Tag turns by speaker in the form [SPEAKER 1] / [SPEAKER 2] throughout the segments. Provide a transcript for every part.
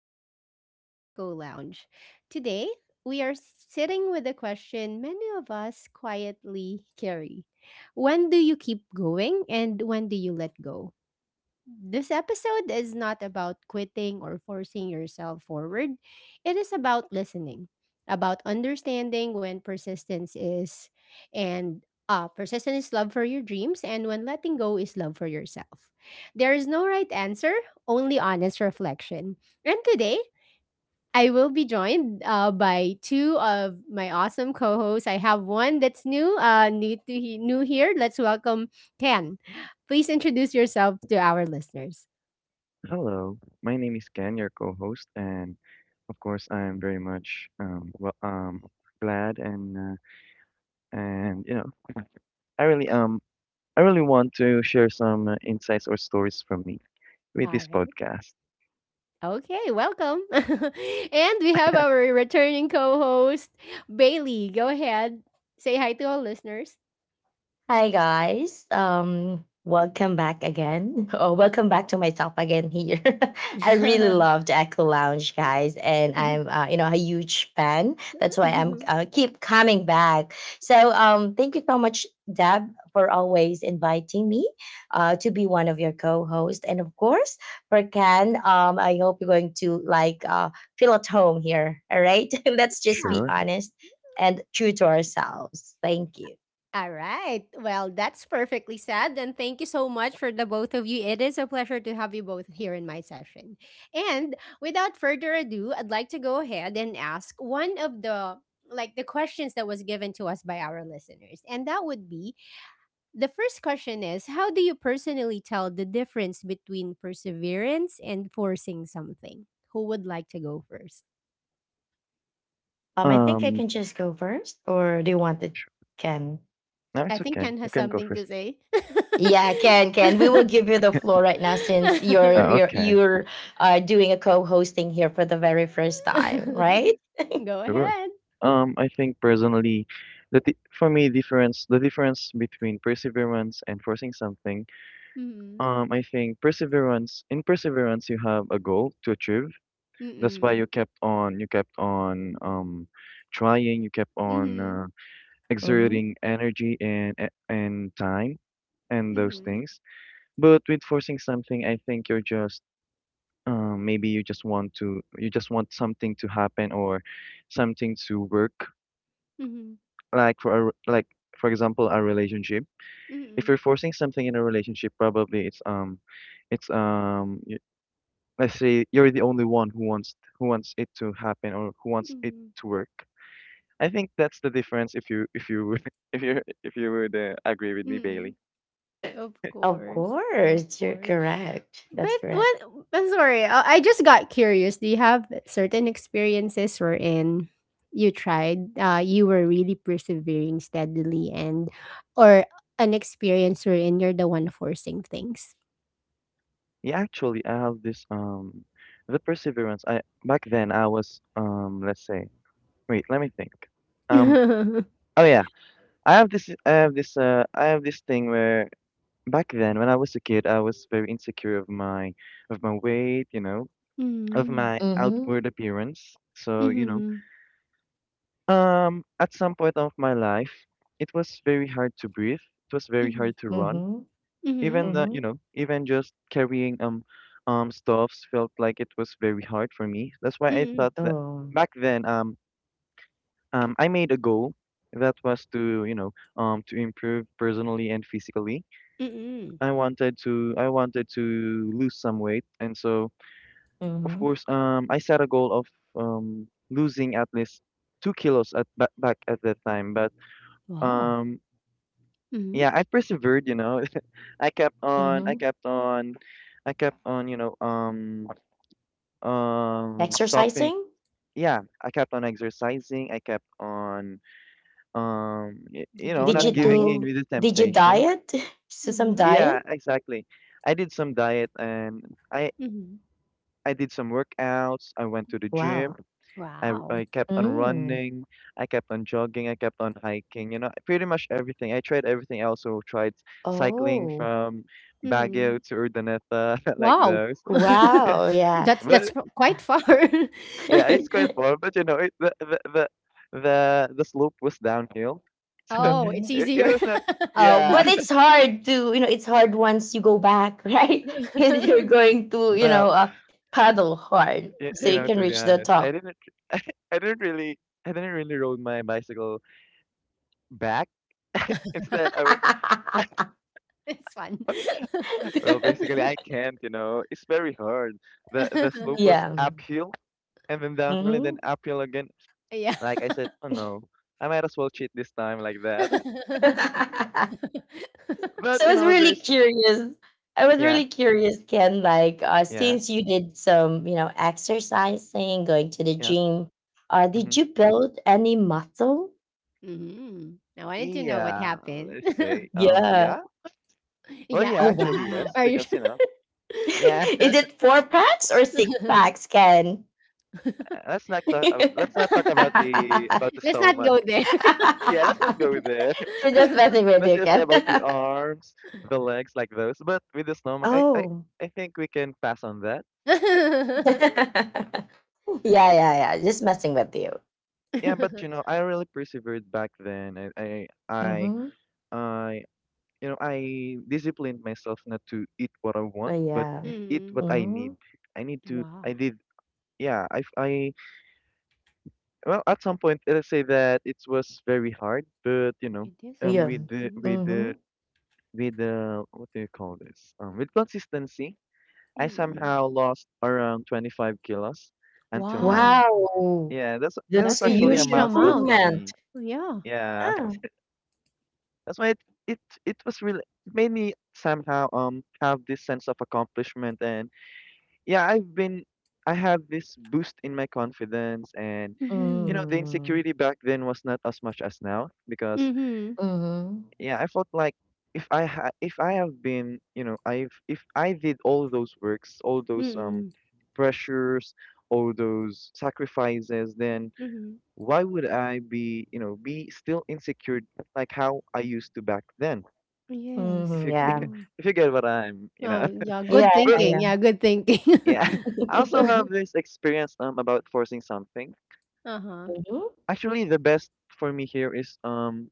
[SPEAKER 1] Welcome back to Echo Lounge. Today, we are sitting with a question many of us quietly carry. When do you keep going and when do you let go? This episode is not about quitting or forcing yourself forward. It is about listening, about understanding when and persistence is love for your dreams and when letting go is love for yourself. There is no right answer, only honest reflection. And today, I will be joined by two of my awesome co-hosts. I have one that's new here. Let's welcome Ken. Please introduce yourself to our listeners.
[SPEAKER 2] Hello, my name is Ken, your co-host, and of course, I'm very much glad and and I really um I really want to share some insights or stories from me with
[SPEAKER 1] All
[SPEAKER 2] this
[SPEAKER 1] right.
[SPEAKER 2] podcast.
[SPEAKER 1] Okay, welcome. And we have our returning co host, Bailey. Go ahead. Say hi to our listeners.
[SPEAKER 3] Hi guys. Welcome back again. Or welcome back to myself again here. I really love the Echo Lounge guys and I'm you know a huge fan. That's why I'm keep coming back. So thank you so much Deb for always inviting me to be one of your co-hosts and of course for Ken I hope you're going to like feel at home here. All right? Let's just
[SPEAKER 1] Yeah.
[SPEAKER 3] be
[SPEAKER 2] Sure.
[SPEAKER 3] honest and true to ourselves. Thank you.
[SPEAKER 1] All right. Well, that's perfectly said. And thank you so much for the both of you. It is a pleasure to have you both here in my session. And without further ado, I'd like to go ahead and ask one of the questions that was given to us by our listeners. And that would be, the first question is, how do you personally tell the difference between perseverance and forcing something? Who would like to go first?
[SPEAKER 3] I think I
[SPEAKER 2] Um,
[SPEAKER 3] can just go first, or do you want it? Can
[SPEAKER 2] no,
[SPEAKER 1] I
[SPEAKER 2] it's
[SPEAKER 1] think
[SPEAKER 2] okay.
[SPEAKER 1] Ken
[SPEAKER 2] You
[SPEAKER 1] has
[SPEAKER 2] can go
[SPEAKER 1] something
[SPEAKER 2] first.
[SPEAKER 1] to say.
[SPEAKER 3] Yeah, Ken, Ken, we will give you the floor right now since you're you're
[SPEAKER 2] Okay,
[SPEAKER 3] you're uh, doing a co-hosting here for the very first time, right?
[SPEAKER 1] Go
[SPEAKER 2] sure.
[SPEAKER 1] ahead.
[SPEAKER 2] I think personally, the di- for me difference the difference between perseverance and forcing something.
[SPEAKER 1] Mm-hmm.
[SPEAKER 2] I think perseverance you have a goal to achieve. That's why
[SPEAKER 1] Mm-mm.
[SPEAKER 2] you kept on trying, you kept on
[SPEAKER 1] Mm-hmm.
[SPEAKER 3] Mm-hmm.
[SPEAKER 2] exerting energy and time and those
[SPEAKER 1] Mm-hmm.
[SPEAKER 2] things. But with forcing something, I think you're just maybe you just want something to happen or something to work.
[SPEAKER 1] Mm-hmm.
[SPEAKER 2] Like for example, a relationship. If you're forcing something in a relationship, probably it's um y- let's say you're the only one who wants it to happen or who wants it
[SPEAKER 1] Mm-hmm.
[SPEAKER 2] to work. I think that's the difference, if you would if you would agree with me,
[SPEAKER 1] Mm-hmm.
[SPEAKER 2] Bailey.
[SPEAKER 1] Of
[SPEAKER 3] Of
[SPEAKER 1] course. Of
[SPEAKER 3] course, you're
[SPEAKER 1] course.
[SPEAKER 3] correct. That's
[SPEAKER 1] But
[SPEAKER 3] correct.
[SPEAKER 1] what I'm sorry, I just got curious. Do you have certain experiences wherein you tried, you were really persevering steadily, and or an experience wherein you're the one forcing things?
[SPEAKER 2] Yeah, actually, I have this the perseverance. I back then I was let's say, wait, let me think. Um
[SPEAKER 1] Mm-hmm.
[SPEAKER 2] oh yeah, I have this thing where back then when I was a kid I was very insecure of my weight, you know, of my
[SPEAKER 3] Mm-hmm.
[SPEAKER 2] outward appearance. So, you know,
[SPEAKER 1] Mm-hmm.
[SPEAKER 2] at some point of my life, it was very hard to breathe. It was very
[SPEAKER 1] Mm-hmm.
[SPEAKER 2] hard to run,
[SPEAKER 3] Mm-hmm.
[SPEAKER 1] Mm-hmm.
[SPEAKER 2] even the you
[SPEAKER 3] Mhm.
[SPEAKER 2] know even just carrying stuffs felt like it was very hard for me. That's why I
[SPEAKER 1] Mm-hmm.
[SPEAKER 2] thought that
[SPEAKER 3] Oh.
[SPEAKER 2] back then I made a goal that was to, you know, to improve personally and physically.
[SPEAKER 1] Mm-hmm.
[SPEAKER 2] I wanted to lose some weight, and so of
[SPEAKER 3] Mhm.
[SPEAKER 2] course I set a goal of losing at least 2 kilos back at that time. But
[SPEAKER 1] Wow.
[SPEAKER 2] um
[SPEAKER 1] Mm-hmm.
[SPEAKER 2] yeah, I persevered, you know. i kept on i
[SPEAKER 3] Mhm.
[SPEAKER 2] kept on I kept on, you know, stopping.
[SPEAKER 3] Exercising?
[SPEAKER 2] Yeah, I kept on exercising, I kept on you
[SPEAKER 1] Did you
[SPEAKER 2] know,
[SPEAKER 1] do
[SPEAKER 3] Did
[SPEAKER 2] not
[SPEAKER 1] a
[SPEAKER 3] you
[SPEAKER 2] giving
[SPEAKER 1] diet?
[SPEAKER 2] in
[SPEAKER 3] do
[SPEAKER 2] with the
[SPEAKER 3] did you
[SPEAKER 2] temptation.
[SPEAKER 3] diet? So some
[SPEAKER 1] Mm-hmm.
[SPEAKER 2] Yeah,
[SPEAKER 3] diet?
[SPEAKER 2] exactly, I did some diet, and i
[SPEAKER 1] Mm-hmm.
[SPEAKER 2] I did some workouts, I went to the gym,
[SPEAKER 3] Wow.
[SPEAKER 1] Wow.
[SPEAKER 2] I kept on
[SPEAKER 3] Mm.
[SPEAKER 2] running, I kept on jogging, I kept on hiking. You know, pretty much everything, I tried everything. I also tried cycling
[SPEAKER 3] Oh.
[SPEAKER 2] from
[SPEAKER 1] Mm-hmm.
[SPEAKER 2] baguio to urdaneta, like
[SPEAKER 1] Wow.
[SPEAKER 2] those.
[SPEAKER 3] Wow. Yeah.
[SPEAKER 1] that's
[SPEAKER 2] But
[SPEAKER 1] that's quite far.
[SPEAKER 2] yeah, it's quite far, but you know, it, the slope was downhill, so
[SPEAKER 1] Oh, it's
[SPEAKER 3] Mhm.
[SPEAKER 2] it
[SPEAKER 1] easier.
[SPEAKER 2] was not.
[SPEAKER 3] Oh,
[SPEAKER 2] Yeah,
[SPEAKER 3] but it's hard to, you know, it's hard once you go back, right? Because you're going to,
[SPEAKER 2] well,
[SPEAKER 3] paddle hard
[SPEAKER 2] you,
[SPEAKER 3] so
[SPEAKER 2] you
[SPEAKER 3] you
[SPEAKER 2] know,
[SPEAKER 3] can
[SPEAKER 2] to be
[SPEAKER 3] reach the
[SPEAKER 2] honest, I
[SPEAKER 3] top.
[SPEAKER 2] didn't, I, didn't really, I didn't really rode my bicycle back. Instead,
[SPEAKER 1] It's fun.
[SPEAKER 2] well, basically, I can't. You know, it's very hard. The slope was
[SPEAKER 3] Yeah.
[SPEAKER 2] uphill and then downhill and then
[SPEAKER 3] Mm-hmm.
[SPEAKER 2] uphill again.
[SPEAKER 1] Yeah.
[SPEAKER 2] Like I said, oh no, I might as well cheat this time, like that. But
[SPEAKER 3] So I
[SPEAKER 2] you
[SPEAKER 3] was
[SPEAKER 2] know,
[SPEAKER 3] really
[SPEAKER 2] there's
[SPEAKER 3] curious. I was
[SPEAKER 2] yeah,
[SPEAKER 3] really curious, Ken, like
[SPEAKER 2] yeah,
[SPEAKER 3] since you did some, you know, exercising, going to the
[SPEAKER 2] yeah.
[SPEAKER 3] gym, did
[SPEAKER 2] Mhm.
[SPEAKER 3] you build any muscle?
[SPEAKER 1] Mhm. I wanted to know what
[SPEAKER 2] Yeah,
[SPEAKER 1] happened.
[SPEAKER 2] let's say,
[SPEAKER 3] Yeah.
[SPEAKER 2] yeah. Well,
[SPEAKER 1] Yeah?
[SPEAKER 2] yeah,
[SPEAKER 3] Oh,
[SPEAKER 2] actually,
[SPEAKER 3] wow.
[SPEAKER 2] yes,
[SPEAKER 1] Are you
[SPEAKER 2] because
[SPEAKER 1] su
[SPEAKER 2] you know, yeah.
[SPEAKER 3] Is it four packs or six packs, Ken?
[SPEAKER 2] Let's not talk. Let's not talk about the
[SPEAKER 1] Let's not
[SPEAKER 2] stomach.
[SPEAKER 1] go there.
[SPEAKER 2] Yeah, let's not
[SPEAKER 3] I'm
[SPEAKER 2] go there.
[SPEAKER 3] just messing with
[SPEAKER 2] Let's
[SPEAKER 3] you,
[SPEAKER 2] just say
[SPEAKER 3] Ken.
[SPEAKER 2] about the arms, the legs, like those. But with the stomach,
[SPEAKER 3] Oh.
[SPEAKER 2] I think we can pass on that.
[SPEAKER 3] Yeah, yeah, yeah. Just messing with you.
[SPEAKER 2] Yeah, but you know, I really persevered back then.
[SPEAKER 3] Mm-hmm.
[SPEAKER 2] I You know, I disciplined myself not to eat what I
[SPEAKER 3] But
[SPEAKER 2] want, but
[SPEAKER 3] yeah.
[SPEAKER 2] eat
[SPEAKER 1] Mhm.
[SPEAKER 2] what I
[SPEAKER 3] Hmm.
[SPEAKER 2] need. I need to. I
[SPEAKER 1] Wow,
[SPEAKER 2] did. Yeah, I well, at some point, let's say that it was very hard, but you know,
[SPEAKER 1] it is
[SPEAKER 3] Yeah.
[SPEAKER 2] um,
[SPEAKER 1] hard.
[SPEAKER 3] Ayun,
[SPEAKER 2] with the
[SPEAKER 1] Mhm.
[SPEAKER 2] with the
[SPEAKER 3] mhm.
[SPEAKER 2] with the what do you call this? With consistency, I
[SPEAKER 1] Mm.
[SPEAKER 2] somehow lost around 25 kilos until now.
[SPEAKER 1] Wow,
[SPEAKER 3] Wow!
[SPEAKER 2] Yeah, that's that was
[SPEAKER 1] that's
[SPEAKER 3] That's a
[SPEAKER 1] a
[SPEAKER 2] actually
[SPEAKER 3] huge
[SPEAKER 2] a
[SPEAKER 1] huge
[SPEAKER 2] milestone
[SPEAKER 1] amount.
[SPEAKER 2] for
[SPEAKER 3] improvement.
[SPEAKER 2] me.
[SPEAKER 1] Yeah.
[SPEAKER 2] Yeah,
[SPEAKER 3] Ah,
[SPEAKER 2] that's why it it was really made me somehow have this sense of accomplishment. And yeah, I have this boost in my confidence, and you
[SPEAKER 1] Mhm.
[SPEAKER 2] know, the
[SPEAKER 3] mm,
[SPEAKER 2] insecurity back then was not as much as now. Because
[SPEAKER 1] Mhm.
[SPEAKER 3] mhm,
[SPEAKER 2] yeah, I felt like if I have been, you know, I've, if I did all those works, all those
[SPEAKER 1] Mm.
[SPEAKER 2] pressures, all those sacrifices, then
[SPEAKER 1] Mhm.
[SPEAKER 2] why would I be, you know, be still insecure like how I used to back then? If
[SPEAKER 1] Yes.
[SPEAKER 3] mhm,
[SPEAKER 2] you
[SPEAKER 3] yeah.
[SPEAKER 1] Uh-huh.
[SPEAKER 2] if you get what I'm, you know.
[SPEAKER 1] Oh, yeah,
[SPEAKER 3] Yeah,
[SPEAKER 1] good
[SPEAKER 3] yeah,
[SPEAKER 2] But
[SPEAKER 1] thinking.
[SPEAKER 3] yeah.
[SPEAKER 1] Yeah, good thinking.
[SPEAKER 2] yeah, I also have this experience about forcing something.
[SPEAKER 1] Uh-huh.
[SPEAKER 3] Mhm.
[SPEAKER 2] Actually, the best for me here is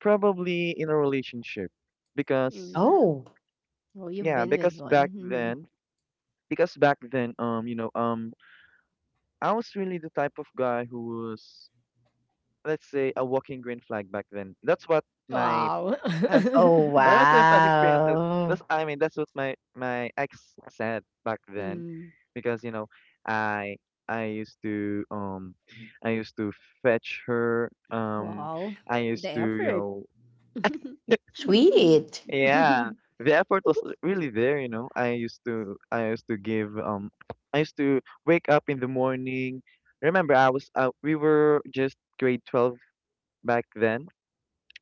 [SPEAKER 2] probably in a relationship. Because
[SPEAKER 1] Mm.
[SPEAKER 3] Oh.
[SPEAKER 1] Oh, you've
[SPEAKER 2] yeah,
[SPEAKER 1] been with one. Mm.
[SPEAKER 2] because back then, you know, I was really the type of guy who was, let's say, a walking green flag back then. That's what my
[SPEAKER 1] Wow.
[SPEAKER 2] past,
[SPEAKER 3] Oh,
[SPEAKER 2] that was my past experience.
[SPEAKER 3] wow.
[SPEAKER 2] That's what my ex said back then.
[SPEAKER 1] Mm.
[SPEAKER 2] Because you know, I I used to um, I used to fetch her.
[SPEAKER 1] Wow.
[SPEAKER 2] I
[SPEAKER 1] The
[SPEAKER 2] used to, you
[SPEAKER 1] effort.
[SPEAKER 2] know,
[SPEAKER 3] Sweet.
[SPEAKER 2] yeah, the effort was really there, you know. I used to give um, I used to wake up in the morning. Remember, I was we were just grade 12 back then.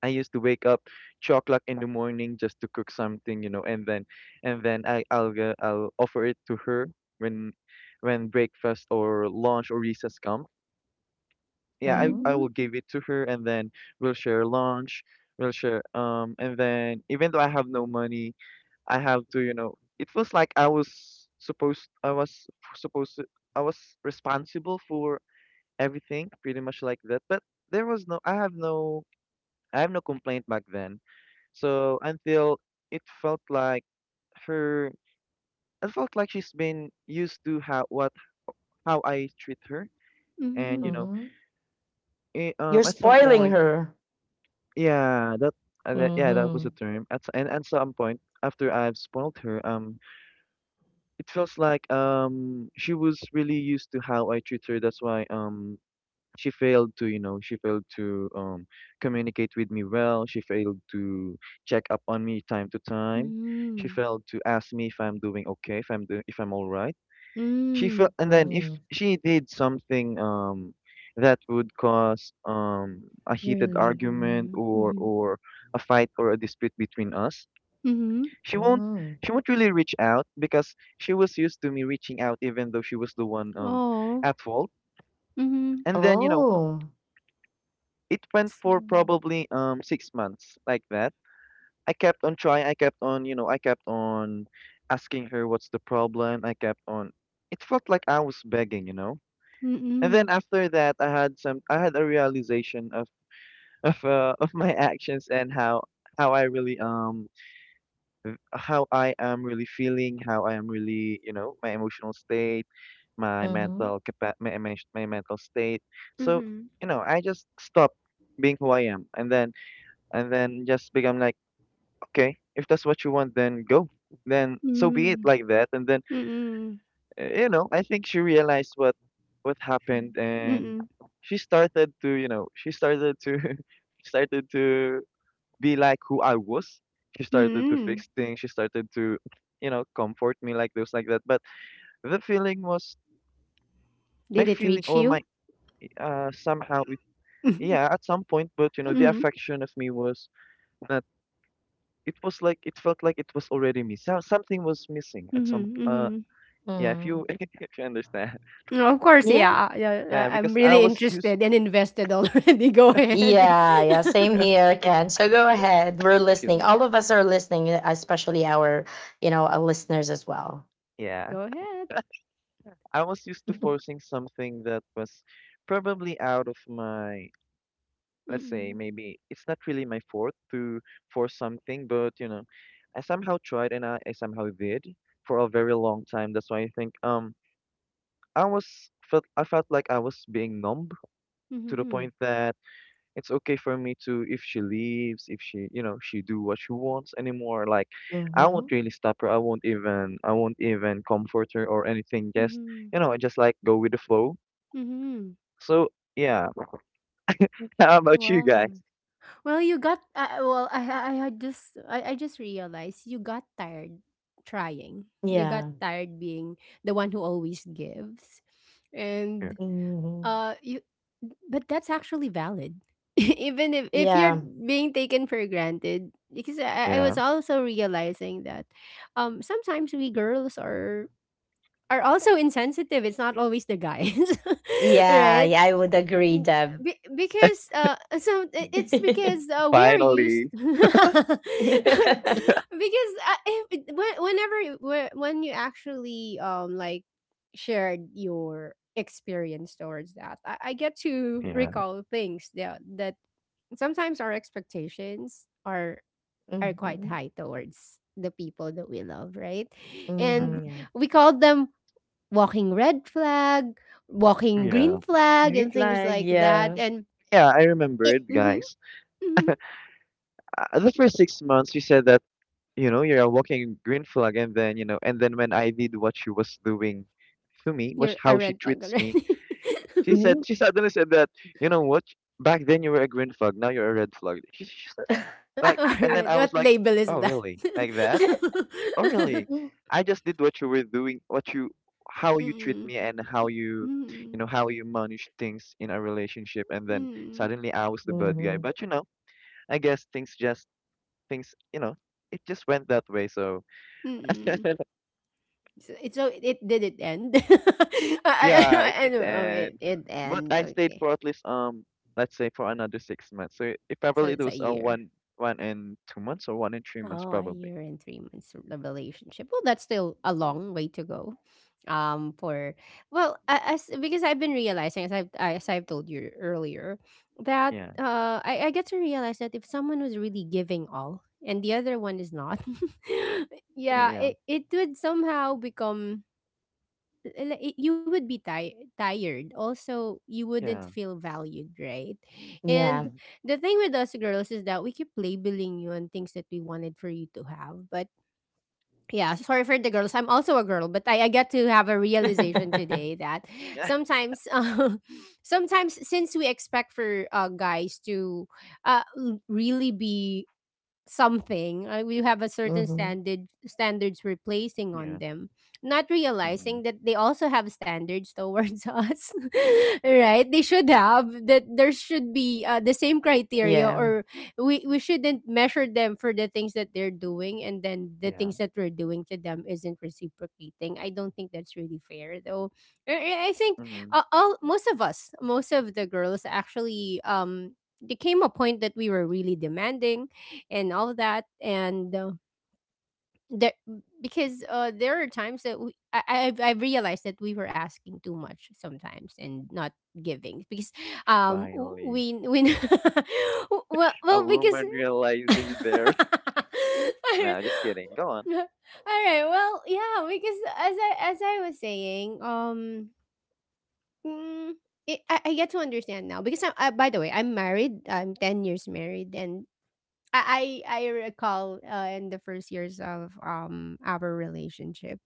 [SPEAKER 2] I used to wake up 2 o'clock in the morning just to cook something, you know, and then I'll offer it to her when breakfast or lunch or recess come. Yeah,
[SPEAKER 3] Mhm,
[SPEAKER 2] I
[SPEAKER 1] Mm-hmm.
[SPEAKER 2] will give it to her, and then we'll share lunch, we'll share um, and then even though I have no money, I have to, you know, it was like I was supposed to, I was responsible for everything, pretty much like that. But there was no, I have no, I have no complaint back then. So until it felt like her, it felt like she's been used to how I treat her, and you
[SPEAKER 1] Mm-hmm.
[SPEAKER 2] know,
[SPEAKER 3] mhm. You're
[SPEAKER 2] at some
[SPEAKER 3] spoiling
[SPEAKER 2] point,
[SPEAKER 3] her.
[SPEAKER 2] yeah, that, yeah, that was a
[SPEAKER 3] Mhm,
[SPEAKER 2] term. At s- and At some point after I've spoiled her, it feels like she was really used to how I treat her. That's why she failed to, you know, she failed to communicate with me well. She failed to check up on me time to time. She
[SPEAKER 1] Mm-hmm.
[SPEAKER 2] failed to ask me if I'm doing okay, if I'm doing, if I'm all right. She
[SPEAKER 1] Mm.
[SPEAKER 2] felt, and then if
[SPEAKER 3] mm,
[SPEAKER 2] she did something that would cause a
[SPEAKER 1] You're
[SPEAKER 2] heated argument
[SPEAKER 1] living.
[SPEAKER 2] or
[SPEAKER 1] Mm-hmm.
[SPEAKER 2] a fight or a dispute between us,
[SPEAKER 1] Mm-hmm.
[SPEAKER 2] she won't,
[SPEAKER 3] mm.
[SPEAKER 2] she won't really reach out, because she was used to me reaching out even though she was the one
[SPEAKER 1] Oh.
[SPEAKER 2] at fault.
[SPEAKER 1] Mm-hmm.
[SPEAKER 2] And then you know,
[SPEAKER 3] Oh.
[SPEAKER 2] it went
[SPEAKER 1] So.
[SPEAKER 2] for probably 6 months like that. I kept on trying, I kept on, you know, I kept on asking her what's the problem. I kept on, it felt like I was begging, you know. And
[SPEAKER 1] Mm-mm.
[SPEAKER 2] then after that I had a realization of of my actions, and how I really how I am really feeling, how I am really, you know, my emotional state, my
[SPEAKER 3] Mhm,
[SPEAKER 2] mental capa- my mental state. So,
[SPEAKER 1] Mm-hmm.
[SPEAKER 2] you know, I just stopped being who I am, and then just become like, okay, if that's what you want, then go. Then so be it,
[SPEAKER 1] Mm-mm.
[SPEAKER 2] like that. And then
[SPEAKER 1] Mm-mm.
[SPEAKER 2] you know, I think she realized what happened, and
[SPEAKER 1] Mm.
[SPEAKER 2] she started to, you know, she started to started to be like who I was. She started to
[SPEAKER 1] Mm.
[SPEAKER 2] fix things. She started to, you know, comfort me, like those, like that. But the feeling was
[SPEAKER 1] Did
[SPEAKER 2] my
[SPEAKER 1] it
[SPEAKER 2] feeling
[SPEAKER 1] reach
[SPEAKER 2] or
[SPEAKER 1] you?
[SPEAKER 2] my somehow it yeah, at some point. But you know, the
[SPEAKER 1] Mhm.
[SPEAKER 2] affection of me was that, it was like, it felt like it was already me, so something was missing at some
[SPEAKER 1] Mhm. Mhm.
[SPEAKER 2] yeah, if
[SPEAKER 3] mm.
[SPEAKER 2] you if you understand.
[SPEAKER 1] No. Of course,
[SPEAKER 3] Yeah.
[SPEAKER 1] yeah.
[SPEAKER 2] Yeah,
[SPEAKER 1] I'm
[SPEAKER 2] because I
[SPEAKER 1] really
[SPEAKER 2] was used
[SPEAKER 1] interested and invested already. Go ahead.
[SPEAKER 3] Yeah, yeah, same here, Ken. So go ahead. We're
[SPEAKER 2] excuse
[SPEAKER 3] listening.
[SPEAKER 2] me,
[SPEAKER 3] All of us are listening, especially our, you know, our listeners as well.
[SPEAKER 2] yeah,
[SPEAKER 1] Go ahead.
[SPEAKER 2] I was used to forcing something that was probably out of my, let's say,
[SPEAKER 1] Mm-mm.
[SPEAKER 2] maybe it's not really my fault to force something, but you know, I somehow tried and I somehow did for a very long time. That's why I think i was I felt like I was being numb, to the
[SPEAKER 1] Mhm.
[SPEAKER 2] point that it's okay for me to, if she leaves, if she, you know, she do what she wants anymore, like, I
[SPEAKER 3] Mm-hmm.
[SPEAKER 2] won't really stop her, I won't even comfort her or anything. Just,
[SPEAKER 1] Mhm.
[SPEAKER 2] you know, I just like go with the flow.
[SPEAKER 1] Mhm.
[SPEAKER 2] So yeah, how about you guys?
[SPEAKER 1] Wow. Well, you got, well, I just realized you got tired trying. You got
[SPEAKER 3] Yeah.
[SPEAKER 1] tired being the one who always gives.
[SPEAKER 2] Yeah,
[SPEAKER 1] And.
[SPEAKER 3] Mm-hmm.
[SPEAKER 1] You But that's actually valid. Even if you're
[SPEAKER 3] Yeah.
[SPEAKER 1] being taken for granted, because I was
[SPEAKER 2] yeah.
[SPEAKER 1] also realizing that sometimes we girls are also insensitive. It's not always the guys,
[SPEAKER 3] Yeah.
[SPEAKER 1] right?
[SPEAKER 3] Yeah. I would agree,
[SPEAKER 1] Mm,
[SPEAKER 3] Deb.
[SPEAKER 1] because so, it's because, we are used,
[SPEAKER 2] Finally.
[SPEAKER 1] because, uh, if, whe- whenever, when you actually like shared your experience towards that, I get to
[SPEAKER 2] Yeah.
[SPEAKER 1] recall things, that sometimes our expectations are quite
[SPEAKER 3] Mhm,
[SPEAKER 1] high towards the people that we love, right?
[SPEAKER 2] Hmm.
[SPEAKER 1] And
[SPEAKER 3] mhm, yeah.
[SPEAKER 1] we call them walking red flag, walking
[SPEAKER 2] Yeah.
[SPEAKER 1] green flag,
[SPEAKER 3] Green
[SPEAKER 1] and things
[SPEAKER 3] flag,
[SPEAKER 1] like that.
[SPEAKER 3] yeah.
[SPEAKER 1] And
[SPEAKER 2] Yeah, I remembered,
[SPEAKER 1] mm-hmm,
[SPEAKER 2] guys,
[SPEAKER 1] mm-hmm,
[SPEAKER 2] the first 6 months you said that, you know, you're a walking green flag. And then, you know, and then when I did what she was doing to me was
[SPEAKER 1] you're
[SPEAKER 2] how
[SPEAKER 1] a
[SPEAKER 2] she
[SPEAKER 1] red flag
[SPEAKER 2] treats me.
[SPEAKER 1] already.
[SPEAKER 2] She said,
[SPEAKER 3] Mhm.
[SPEAKER 2] she suddenly said that, you know what? Back then you were a green flag, now you're a red flag. She said like,
[SPEAKER 1] All
[SPEAKER 2] and then
[SPEAKER 1] right,
[SPEAKER 2] I was
[SPEAKER 1] what
[SPEAKER 2] like,
[SPEAKER 1] label is
[SPEAKER 2] oh
[SPEAKER 1] that?
[SPEAKER 2] really? Like that? Oh really? I just did what you were doing, what you, how you treat
[SPEAKER 1] Mm-mm,
[SPEAKER 2] me, and how you,
[SPEAKER 1] mm-mm,
[SPEAKER 2] you know, how you manage things in a relationship, and then
[SPEAKER 1] mm-mm,
[SPEAKER 2] suddenly I was the bad guy.
[SPEAKER 3] Mhm.
[SPEAKER 2] But you know, I guess things just things, you know, it just went that way. So
[SPEAKER 1] mm-mm. So it did it end? I, I, I,
[SPEAKER 2] yeah,
[SPEAKER 1] don't
[SPEAKER 2] it
[SPEAKER 1] I
[SPEAKER 2] did
[SPEAKER 1] don't know. Oh, it,
[SPEAKER 2] end.
[SPEAKER 1] it
[SPEAKER 2] But
[SPEAKER 1] end.
[SPEAKER 2] I stayed
[SPEAKER 1] Okay,
[SPEAKER 2] for at least let's say for another 6 months. So it
[SPEAKER 1] so
[SPEAKER 2] probably it
[SPEAKER 1] it's a
[SPEAKER 2] was
[SPEAKER 1] year.
[SPEAKER 2] one 1 and 2 months or 1 and 3 months
[SPEAKER 1] Oh, a
[SPEAKER 2] probably.
[SPEAKER 1] year and 3 months of the relationship. Well, that's still a long way to go. For well, a- as Because I've been realizing, as as I've told you earlier, that,
[SPEAKER 2] Yeah.
[SPEAKER 1] I get to realize that if someone was really giving all and the other one is not, yeah,
[SPEAKER 2] Yeah.
[SPEAKER 1] it would somehow become, like, you would be, tired. Also, you wouldn't
[SPEAKER 2] Yeah.
[SPEAKER 1] feel valued, right?
[SPEAKER 3] Yeah.
[SPEAKER 1] And
[SPEAKER 2] Mm-hmm.
[SPEAKER 1] the thing with us girls is that we keep labeling you on things that we wanted for you to have. But yeah, sorry for the girls. I'm also a girl, but I get to have a realization today that
[SPEAKER 2] Yeah.
[SPEAKER 1] sometimes, sometimes, since we expect for, guys to, really be something, we have a certain
[SPEAKER 3] Mhm.
[SPEAKER 1] standards we're placing on
[SPEAKER 2] Yeah.
[SPEAKER 1] them, not
[SPEAKER 2] Mm-hmm.
[SPEAKER 1] realizing that they also have standards towards us, right? They should have that, there should be, the same criteria,
[SPEAKER 3] Yeah.
[SPEAKER 1] or we shouldn't measure them for the things that they're doing, and then the
[SPEAKER 2] Yeah.
[SPEAKER 1] things that we're doing to them isn't reciprocating. I don't think that's really fair, though. I think,
[SPEAKER 2] Mm-hmm.
[SPEAKER 1] all, most of the girls actually, there came a point that we were really demanding and all of that. And, there because, there are times that, I've realized that we were asking too much sometimes and not giving, because,
[SPEAKER 2] Finally.
[SPEAKER 1] we well,
[SPEAKER 2] A
[SPEAKER 1] well because,
[SPEAKER 2] woman realizing their
[SPEAKER 1] all
[SPEAKER 2] no, just kidding. Go on.
[SPEAKER 1] right, well, yeah, because as I was saying, mm, I get to understand now, because I by the way, I'm 10 years married, and I recall, in the first years of our relationship,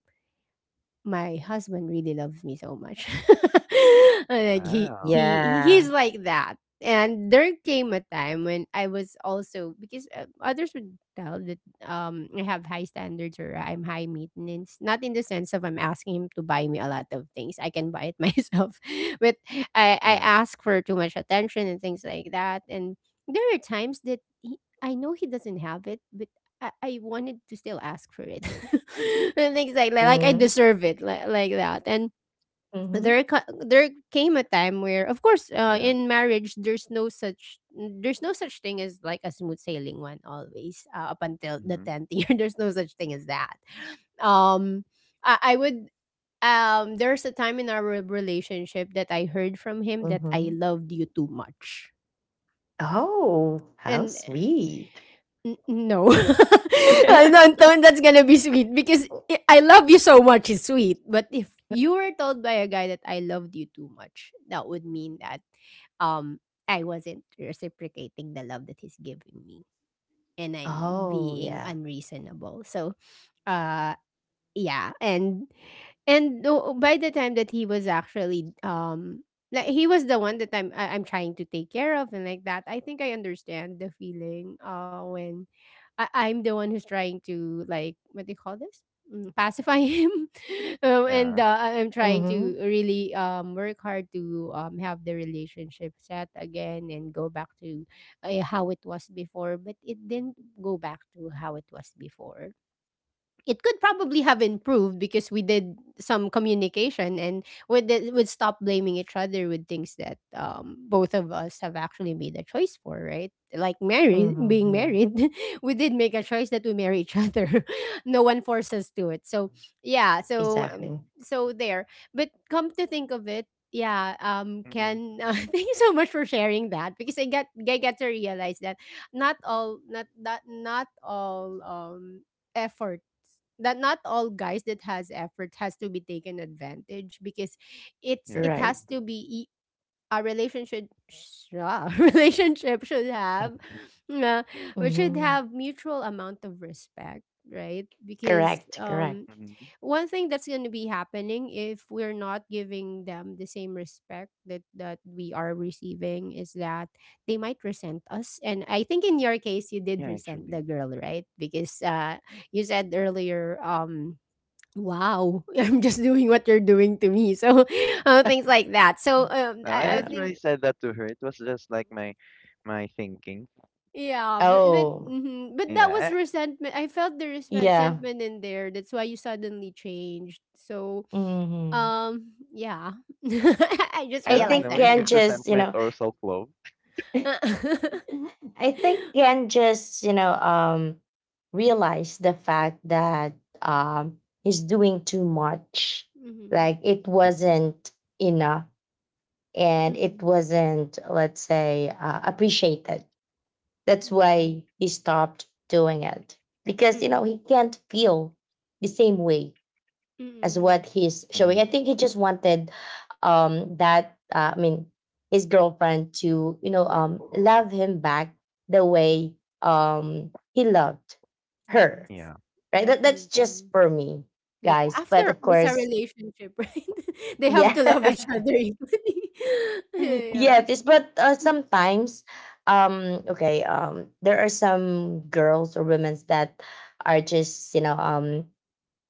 [SPEAKER 1] my husband really loves me so much. Like
[SPEAKER 2] Wow.
[SPEAKER 1] he's
[SPEAKER 3] Yeah.
[SPEAKER 1] like that. And there came a time when I was also, because, others would tell that I have high standards, or I'm high maintenance. Not in the sense of I'm asking him to buy me a lot of things. I can buy it myself, but I
[SPEAKER 2] Yeah.
[SPEAKER 1] ask for too much attention and things like that. And there are times that, I know he doesn't have it, but I wanted to still ask for it. And things like that. Like, I
[SPEAKER 3] Mhm.
[SPEAKER 1] deserve it. Like that. And
[SPEAKER 3] Mhm.
[SPEAKER 1] there came a time where, of course,
[SPEAKER 2] Yeah.
[SPEAKER 1] in marriage, there's no such thing as like a smooth sailing one always, up until the
[SPEAKER 2] Mm-hmm.
[SPEAKER 1] 10th year. There's no such thing as that. Um I would There's a time in our relationship that I heard from him that I
[SPEAKER 3] Mhm.
[SPEAKER 1] loved you too much.
[SPEAKER 3] Oh, how
[SPEAKER 1] And,
[SPEAKER 3] sweet.
[SPEAKER 1] N no. I don't think that's gonna be sweet, because I love you so much is sweet. But if you were told by a guy that I loved you too much, that would mean that I wasn't reciprocating the love that he's giving me, and I'm
[SPEAKER 3] Oh,
[SPEAKER 1] being
[SPEAKER 3] yeah.
[SPEAKER 1] unreasonable. So, uh yeah. And by the time that he was actually, like, he was the one that I'm trying to take care of, and like that, I think I understand the feeling, when I'm the one who's trying to, like, what do you call this, pacify him. And,
[SPEAKER 2] Yeah.
[SPEAKER 1] I'm trying
[SPEAKER 3] Mhm.
[SPEAKER 1] to really, work hard to, have the relationship set again, and go back to, how it was before. But it didn't go back to how it was before. It could probably have improved, because we did some communication, and would stop blaming each other with things that, both of us have actually made a choice for, right? Like, married
[SPEAKER 3] Mhm,
[SPEAKER 1] being
[SPEAKER 3] yeah.
[SPEAKER 1] married, we did make a choice that we marry each other. No one forced us to it. So, yeah. So,
[SPEAKER 3] Exactly.
[SPEAKER 1] so there but, come to think of it, yeah.
[SPEAKER 2] Mm-hmm.
[SPEAKER 1] Ken,
[SPEAKER 2] Mm-hmm.
[SPEAKER 1] thank you so much for sharing that, because I get to realize that, not all, effort, that not all guys that has effort has to be taken advantage, because
[SPEAKER 2] Yeah.
[SPEAKER 1] it
[SPEAKER 3] Right.
[SPEAKER 1] has to be, I- a relationship sh- ah, relationship should have, uh, we should
[SPEAKER 3] Mhm.
[SPEAKER 1] have, mutual amount of respect, right? Because,
[SPEAKER 3] Correct, correct.
[SPEAKER 2] Mm-hmm.
[SPEAKER 1] one thing that's going to be happening if we're not giving them the same respect that we are receiving, is that they might resent us. And I think in your case, you did
[SPEAKER 2] Yeah,
[SPEAKER 1] resent
[SPEAKER 2] actually.
[SPEAKER 1] the girl, right? Because, you said earlier, wow, I'm just doing what you're doing to me. So, things like that. So,
[SPEAKER 2] No, I
[SPEAKER 1] I
[SPEAKER 3] Yeah.
[SPEAKER 2] didn't really
[SPEAKER 1] think,
[SPEAKER 2] say that to her. It was just like my thinking.
[SPEAKER 1] yeah. but but,
[SPEAKER 3] Oh,
[SPEAKER 1] mhm. but that was
[SPEAKER 2] Yeah,
[SPEAKER 1] resentment. I felt there is
[SPEAKER 3] yeah.
[SPEAKER 1] resentment in there. That's why you suddenly changed. So,
[SPEAKER 3] Mhm.
[SPEAKER 1] Yeah. I just
[SPEAKER 2] I
[SPEAKER 3] I
[SPEAKER 2] don't
[SPEAKER 1] realized
[SPEAKER 2] know
[SPEAKER 3] think
[SPEAKER 1] that
[SPEAKER 2] if
[SPEAKER 3] Ken
[SPEAKER 1] now.
[SPEAKER 2] it's
[SPEAKER 3] just, you
[SPEAKER 2] resentment
[SPEAKER 3] know,
[SPEAKER 2] or self-love.
[SPEAKER 3] I think Ken just, you know, realized the fact that he's doing too much.
[SPEAKER 1] Mhm.
[SPEAKER 3] Like it
[SPEAKER 2] Hmm.
[SPEAKER 3] wasn't enough and it
[SPEAKER 1] Mm-mm.
[SPEAKER 3] wasn't, let's say, appreciated. That's
[SPEAKER 1] Yeah.
[SPEAKER 3] why he stopped doing it because, you know, he
[SPEAKER 1] Mm-mm.
[SPEAKER 3] can't feel the same way as what
[SPEAKER 1] Mm-mm.
[SPEAKER 3] he's showing.
[SPEAKER 2] Hmm.
[SPEAKER 3] I think he just wanted that. I mean, his girlfriend to you know love him back the way he loved
[SPEAKER 1] Yes.
[SPEAKER 3] her.
[SPEAKER 2] Yeah.
[SPEAKER 3] Right. That, that's just
[SPEAKER 1] Definitely.
[SPEAKER 3] for me,
[SPEAKER 1] Yeah.
[SPEAKER 3] guys.
[SPEAKER 1] After
[SPEAKER 3] But
[SPEAKER 1] all,
[SPEAKER 3] of
[SPEAKER 1] it's a
[SPEAKER 3] course,
[SPEAKER 1] relationship, right? They have to love each
[SPEAKER 3] yeah,
[SPEAKER 1] other equally.
[SPEAKER 3] yeah.
[SPEAKER 1] Yeah.
[SPEAKER 3] This, but
[SPEAKER 1] Mhm.
[SPEAKER 3] sometimes, okay, there are some girls or women's that are just you know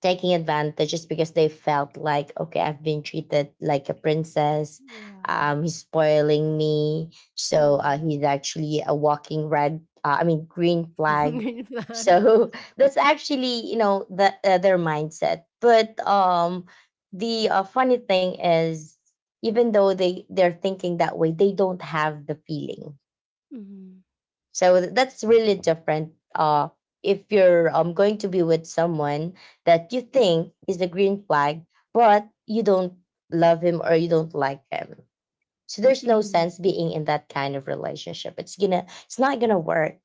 [SPEAKER 3] taking advantage just because they felt like okay, I've been treated like a princess
[SPEAKER 1] Yeah.
[SPEAKER 3] he's spoiling me so
[SPEAKER 1] Mm.
[SPEAKER 3] he's actually a walking red I mean green flag
[SPEAKER 1] Green flag.
[SPEAKER 3] so that's actually you know their mindset but the funny thing is even though they're thinking that way they don't have the feeling
[SPEAKER 1] Mm-hmm.
[SPEAKER 3] so that's really
[SPEAKER 2] Hmm.
[SPEAKER 3] different. If you're going to be with someone that you think is a green flag, but you don't love him or you don't like him. So there's no
[SPEAKER 1] Mm-hmm.
[SPEAKER 3] sense being in that kind of relationship. It's gonna it's not gonna
[SPEAKER 2] Hmm.
[SPEAKER 3] work,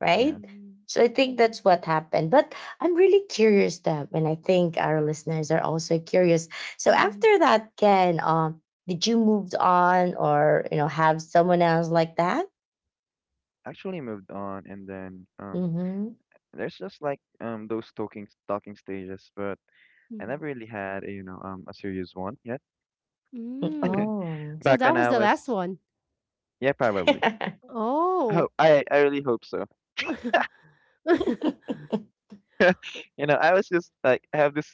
[SPEAKER 3] right?
[SPEAKER 2] Yeah.
[SPEAKER 1] Mhm.
[SPEAKER 3] So I think
[SPEAKER 1] Mhm.
[SPEAKER 3] that's what happened. But I'm really curious them and I think our listeners are also curious. So
[SPEAKER 1] Mhm.
[SPEAKER 3] after that, Ken, did you move on or you know have someone else like that?
[SPEAKER 2] Actually moved on and then
[SPEAKER 3] Mm-hmm.
[SPEAKER 2] there's just like those talking stages, but I
[SPEAKER 1] Mm.
[SPEAKER 2] never really had a, you know, a serious one yet.
[SPEAKER 3] Mm,
[SPEAKER 1] Mm.
[SPEAKER 3] oh.
[SPEAKER 1] So
[SPEAKER 2] Back
[SPEAKER 1] that
[SPEAKER 2] when
[SPEAKER 1] was
[SPEAKER 2] I
[SPEAKER 1] the last
[SPEAKER 2] was,
[SPEAKER 1] one.
[SPEAKER 2] yeah, probably. Oh,
[SPEAKER 1] Oh.
[SPEAKER 2] I really hope so. You know, I was just like I have this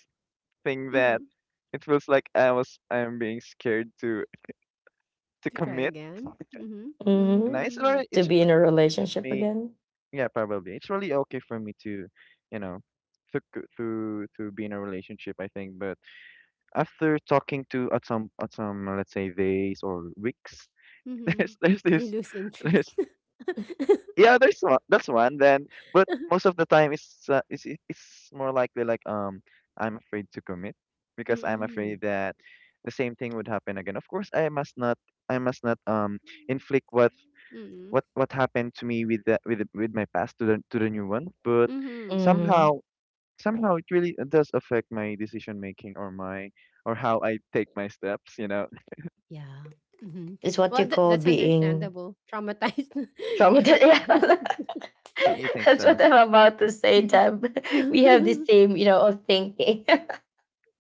[SPEAKER 2] thing that
[SPEAKER 1] Mhm.
[SPEAKER 2] it feels like I was I'm being scared to
[SPEAKER 1] To try
[SPEAKER 2] commit.
[SPEAKER 1] again? Mhm.
[SPEAKER 2] And
[SPEAKER 3] Hmm.
[SPEAKER 2] it's
[SPEAKER 1] Mm.
[SPEAKER 2] alright.
[SPEAKER 3] To
[SPEAKER 2] It's
[SPEAKER 3] be in a
[SPEAKER 2] really okay for
[SPEAKER 3] relationship
[SPEAKER 2] me.
[SPEAKER 3] again?
[SPEAKER 2] Yeah, probably. It's really okay for me to, you know, to c- to be in a relationship, I think. But after talking to at some let's say days or weeks,
[SPEAKER 1] Mhm.
[SPEAKER 2] there's
[SPEAKER 1] You
[SPEAKER 2] this
[SPEAKER 1] lose interest.
[SPEAKER 2] there's yeah there's one that's one then. But most of the time it's it- it's more likely like I'm afraid to commit because I'm
[SPEAKER 1] Mm.
[SPEAKER 2] afraid that the same thing would happen again. Of course, I must not inflict
[SPEAKER 1] Mm.
[SPEAKER 2] what happened to me with the, with the, with my past to the new one but
[SPEAKER 1] Mhm.
[SPEAKER 2] somehow
[SPEAKER 3] Hmm.
[SPEAKER 2] somehow it really does affect my decision making or my or how I take my steps, you know.
[SPEAKER 1] Yeah. Mhm.
[SPEAKER 3] It's what you
[SPEAKER 1] Well, tha
[SPEAKER 3] call
[SPEAKER 1] that's
[SPEAKER 3] being
[SPEAKER 1] understandable. Traumatized. You're
[SPEAKER 3] traumatized. Yeah.
[SPEAKER 2] You think
[SPEAKER 3] That's
[SPEAKER 2] so?
[SPEAKER 3] what I'm about to say, Deb. We have the same, you know, of thinking.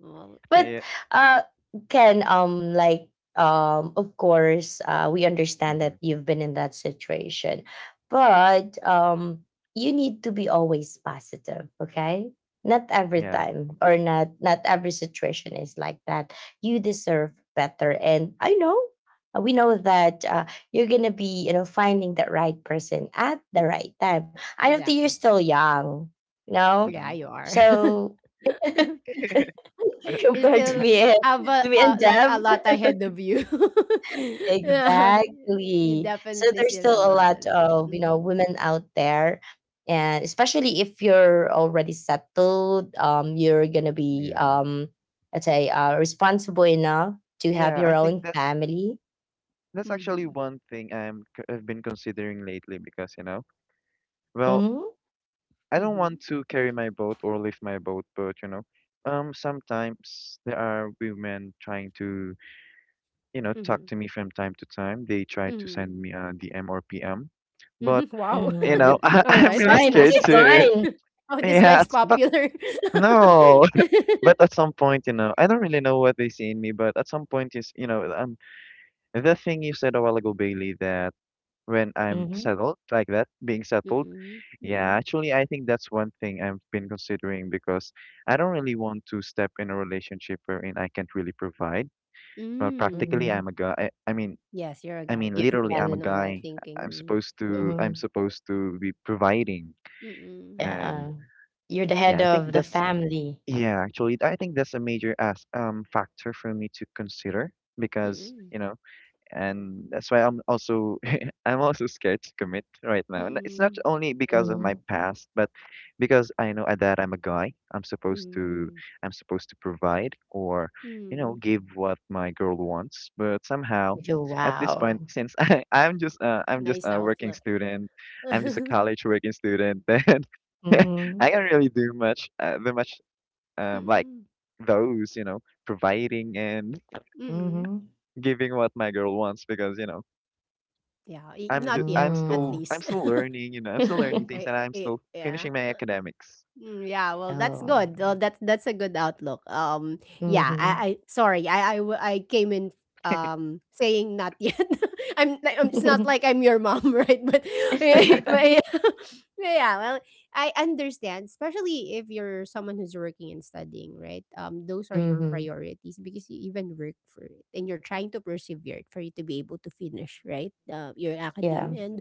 [SPEAKER 1] Well,
[SPEAKER 3] But
[SPEAKER 2] Yeah.
[SPEAKER 3] uh can of course we understand
[SPEAKER 2] Hmm.
[SPEAKER 3] that you've been in that situation but you need to be always positive, okay, not every
[SPEAKER 2] Yeah.
[SPEAKER 3] time or not every situation is like that. You deserve better and I know we know that you're gonna be you know finding the right person at the right time. I know that you're
[SPEAKER 2] Wow.
[SPEAKER 1] exactly.
[SPEAKER 3] still young, you know,
[SPEAKER 1] Yeah, you
[SPEAKER 2] Hmm.
[SPEAKER 1] are.
[SPEAKER 3] so
[SPEAKER 1] You
[SPEAKER 3] compared
[SPEAKER 1] still have a,
[SPEAKER 3] to me
[SPEAKER 1] a
[SPEAKER 3] and
[SPEAKER 1] like
[SPEAKER 3] Deb.
[SPEAKER 1] a lot ahead of you. Yeah, you
[SPEAKER 3] Exactly. So
[SPEAKER 1] definitely
[SPEAKER 3] there's
[SPEAKER 1] still
[SPEAKER 3] still
[SPEAKER 1] have
[SPEAKER 3] a
[SPEAKER 1] a
[SPEAKER 3] lot
[SPEAKER 1] lot.
[SPEAKER 3] of you know
[SPEAKER 1] Mm-hmm.
[SPEAKER 3] women out there, and especially if you're already settled, you're gonna be
[SPEAKER 2] Yeah.
[SPEAKER 3] let's say, responsible enough to have
[SPEAKER 2] Yeah,
[SPEAKER 3] your
[SPEAKER 2] I think
[SPEAKER 3] own family.
[SPEAKER 2] that's actually one thing I'm c- I've been considering lately because, you know, well,
[SPEAKER 3] Mm-hmm.
[SPEAKER 2] I don't
[SPEAKER 1] Mm-hmm.
[SPEAKER 2] want to carry my boat or lift my boat, but you know, sometimes there are women trying to, you know, talk
[SPEAKER 1] Mm-hmm.
[SPEAKER 2] to me from time to time. They try to
[SPEAKER 1] Mm-hmm.
[SPEAKER 2] send me a DM or PM, but
[SPEAKER 1] Mm-hmm. Wow.
[SPEAKER 2] you
[SPEAKER 3] Mm-hmm.
[SPEAKER 2] know, I,
[SPEAKER 1] All
[SPEAKER 2] I'm
[SPEAKER 1] right,
[SPEAKER 2] really
[SPEAKER 1] that's
[SPEAKER 3] Sign.
[SPEAKER 1] nice.
[SPEAKER 3] It's
[SPEAKER 2] scared
[SPEAKER 3] a
[SPEAKER 2] to.
[SPEAKER 3] sign.
[SPEAKER 1] Oh, this
[SPEAKER 2] Yeah,
[SPEAKER 1] guy's
[SPEAKER 2] it's- but
[SPEAKER 1] popular.
[SPEAKER 2] no. But at some point, you know, I don't really know what they see in me. But at some point, is you know, the thing you said a while ago, Bailey, that when I'm
[SPEAKER 3] Mm-hmm.
[SPEAKER 2] settled like that, being settled,
[SPEAKER 1] Mm-mm.
[SPEAKER 2] yeah,
[SPEAKER 1] Mm-mm.
[SPEAKER 2] actually, I think that's one thing I've been considering because I don't really want to step in a relationship wherein I can't really provide. Well,
[SPEAKER 1] Mm.
[SPEAKER 2] practically,
[SPEAKER 3] Mm-hmm.
[SPEAKER 2] I'm a guy. I mean,
[SPEAKER 1] Yes, you're a
[SPEAKER 2] I
[SPEAKER 1] guy.
[SPEAKER 2] mean,
[SPEAKER 3] You're
[SPEAKER 1] That's
[SPEAKER 3] the
[SPEAKER 2] literally,
[SPEAKER 1] the
[SPEAKER 2] I'm a
[SPEAKER 3] man.
[SPEAKER 1] normal
[SPEAKER 2] guy. I- am
[SPEAKER 1] thinking.
[SPEAKER 2] supposed to I'm
[SPEAKER 3] Mm-hmm.
[SPEAKER 2] supposed to be providing,
[SPEAKER 1] Mm-mm.
[SPEAKER 2] and
[SPEAKER 3] Yeah. You're the
[SPEAKER 2] yeah,
[SPEAKER 3] head
[SPEAKER 2] I think
[SPEAKER 3] of the
[SPEAKER 2] that's
[SPEAKER 3] family.
[SPEAKER 2] yeah. Actually, I think that's a major as factor for me to consider because
[SPEAKER 1] Mm-mm.
[SPEAKER 2] you know and that's why I'm also I'm also scared to commit right now. And it's not
[SPEAKER 1] Mm-mm.
[SPEAKER 2] only because of my
[SPEAKER 3] Mm-hmm.
[SPEAKER 2] past, but because I know that I'm a guy.
[SPEAKER 1] Mm-mm.
[SPEAKER 2] I'm supposed to provide or, you know,
[SPEAKER 1] Mm.
[SPEAKER 2] give what my girl wants. But somehow,
[SPEAKER 3] You feel
[SPEAKER 2] at this point,
[SPEAKER 3] wow.
[SPEAKER 2] since I'm just I'm just
[SPEAKER 1] Nice
[SPEAKER 2] a working
[SPEAKER 1] outlook.
[SPEAKER 2] student, I'm just a
[SPEAKER 1] Mm-mm.
[SPEAKER 2] college working student, then
[SPEAKER 3] Mm-hmm.
[SPEAKER 2] I can't really do much the much like those, you know, providing and
[SPEAKER 1] Mm.
[SPEAKER 3] Mhm.
[SPEAKER 2] giving what my girl wants because you know
[SPEAKER 1] Yeah, I
[SPEAKER 2] I'm ju
[SPEAKER 1] not yet, at
[SPEAKER 3] Mm.
[SPEAKER 1] least.
[SPEAKER 2] I'm still learning, you know, I'm still learning things
[SPEAKER 1] I
[SPEAKER 2] and I'm
[SPEAKER 1] I,
[SPEAKER 2] still
[SPEAKER 1] yeah.
[SPEAKER 2] finishing my academics.
[SPEAKER 1] Mm, yeah, well, that's good. Uh,
[SPEAKER 3] Um,
[SPEAKER 1] that's that's a good outlook. Yeah, I
[SPEAKER 3] mhm.
[SPEAKER 1] sorry, I came in saying not yet. I'm it's not
[SPEAKER 3] Mhm.
[SPEAKER 1] like I'm your mom, right? But, but yeah, yeah, well, I understand, especially if you're someone who's working and studying, right? Those are your priorities because you even work for it, and you're trying to persevere for you to be able to finish, right? Your academe,
[SPEAKER 3] Yeah.
[SPEAKER 1] and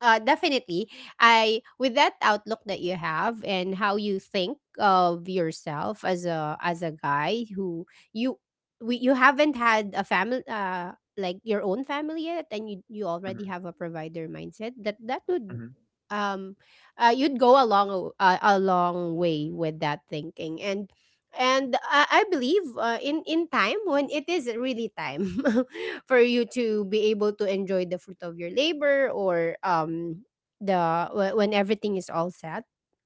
[SPEAKER 1] definitely, I, with that outlook that you have and how you think of yourself as a guy who, you you haven't had a family, like your own family yet, and you already
[SPEAKER 2] Mhm.
[SPEAKER 1] have a provider mindset that that would
[SPEAKER 2] Mhm.
[SPEAKER 1] um you'd go a long way with that thinking. And I believe, in time, when it is really time for you to be able to enjoy the fruit of your labor, or the when everything is all set,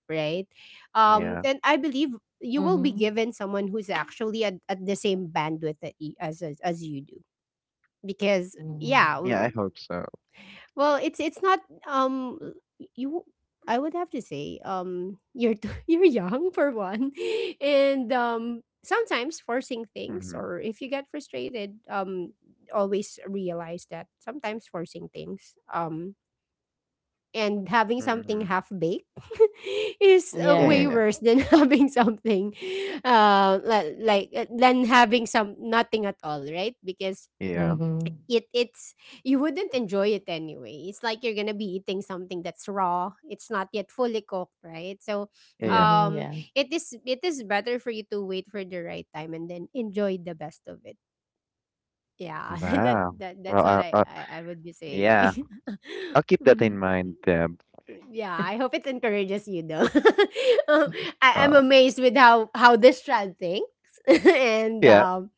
[SPEAKER 1] right?
[SPEAKER 2] Yeah.
[SPEAKER 1] Then I believe you will be
[SPEAKER 3] Mhm.
[SPEAKER 1] given someone who's actually at the same bandwidth that as you do, because, yeah.
[SPEAKER 3] Mhm.
[SPEAKER 2] Yeah, I hope so.
[SPEAKER 1] Well, it's not. Um you I would have to say, you're too, you're young for one. And sometimes forcing things,
[SPEAKER 2] Mhm.
[SPEAKER 1] or if you get frustrated, always realize that sometimes forcing things, and having something
[SPEAKER 2] Mhm.
[SPEAKER 1] half baked is
[SPEAKER 2] Yeah, yeah,
[SPEAKER 1] way
[SPEAKER 3] Yeah.
[SPEAKER 2] yeah.
[SPEAKER 1] worse than having something, than having some nothing at all, right? Because
[SPEAKER 2] Yeah.
[SPEAKER 3] Mhm.
[SPEAKER 1] it it's you wouldn't enjoy it anyway. It's like you're gonna be eating something that's raw. It's not yet fully cooked, right? So
[SPEAKER 2] Yeah, yeah.
[SPEAKER 3] Mhm,
[SPEAKER 1] um
[SPEAKER 3] yeah.
[SPEAKER 1] it is better for you to wait for the right time, and then enjoy the best of it. Yeah. that,
[SPEAKER 2] Wow.
[SPEAKER 1] that that's
[SPEAKER 2] Well,
[SPEAKER 1] what I, I, I would be
[SPEAKER 2] yeah.
[SPEAKER 1] saying.
[SPEAKER 2] I'll keep that in
[SPEAKER 1] Mhm.
[SPEAKER 2] mind, Deb.
[SPEAKER 1] Yeah, I hope it encourages you though. Um, I'm
[SPEAKER 2] Uh,
[SPEAKER 1] amazed with how this child thinks. And
[SPEAKER 2] yeah.
[SPEAKER 1] um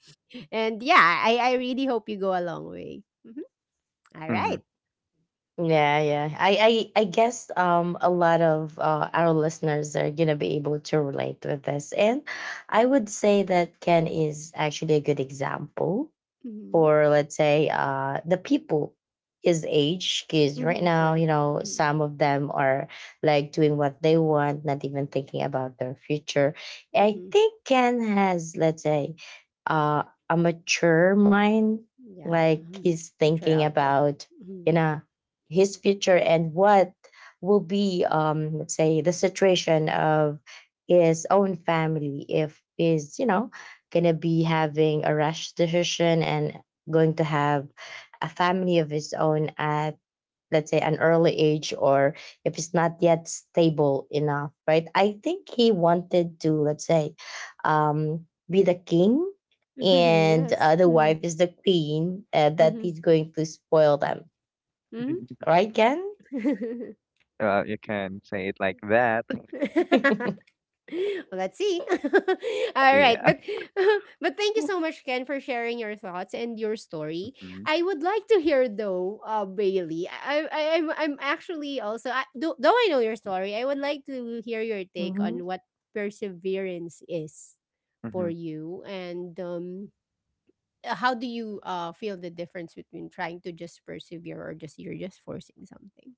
[SPEAKER 1] and yeah, I really hope you go a long way. Mhm. All
[SPEAKER 2] Mhm.
[SPEAKER 1] right.
[SPEAKER 3] Yeah, yeah. I guess a lot of our listeners are gonna be able to relate with this, and I would say that Ken is actually a good example
[SPEAKER 1] Mhm.
[SPEAKER 3] for let's say the people his age because right
[SPEAKER 1] Mhm,
[SPEAKER 3] now you
[SPEAKER 1] true.
[SPEAKER 3] know
[SPEAKER 1] Mhm,
[SPEAKER 3] some of them are like doing what they want not even thinking about their future. I
[SPEAKER 1] mhm.
[SPEAKER 3] think Ken has let's say uh, a mature mind
[SPEAKER 1] Yeah,
[SPEAKER 3] like he's
[SPEAKER 1] mature
[SPEAKER 3] thinking
[SPEAKER 1] outlook.
[SPEAKER 3] about
[SPEAKER 1] Mhm.
[SPEAKER 3] you know his future and what will be let's say the situation of his own family if is you know gonna be having a rash decision and going to have a family of his own at let's say an early age or if it's not yet stable enough, right? I think he wanted to let's say be the king and
[SPEAKER 1] Yes.
[SPEAKER 3] the
[SPEAKER 1] Mhm,
[SPEAKER 3] wife is the queen that
[SPEAKER 1] mhm,
[SPEAKER 3] is going to spoil them,
[SPEAKER 2] Uh,
[SPEAKER 1] mhm.
[SPEAKER 3] right Ken?
[SPEAKER 2] you can say it like that.
[SPEAKER 1] Well, let's see. All right,
[SPEAKER 2] Yeah.
[SPEAKER 1] but but thank you
[SPEAKER 3] Mm.
[SPEAKER 1] so much, Ken, for sharing your thoughts and your story.
[SPEAKER 2] Mhm.
[SPEAKER 1] I would like to hear though, Bailey. I'm actually also, though I know your story. I would like to hear your take on
[SPEAKER 3] Mhm.
[SPEAKER 1] what perseverance is for
[SPEAKER 2] Mhm.
[SPEAKER 1] you, and how do you feel the difference between trying to just persevere or just you're just forcing something?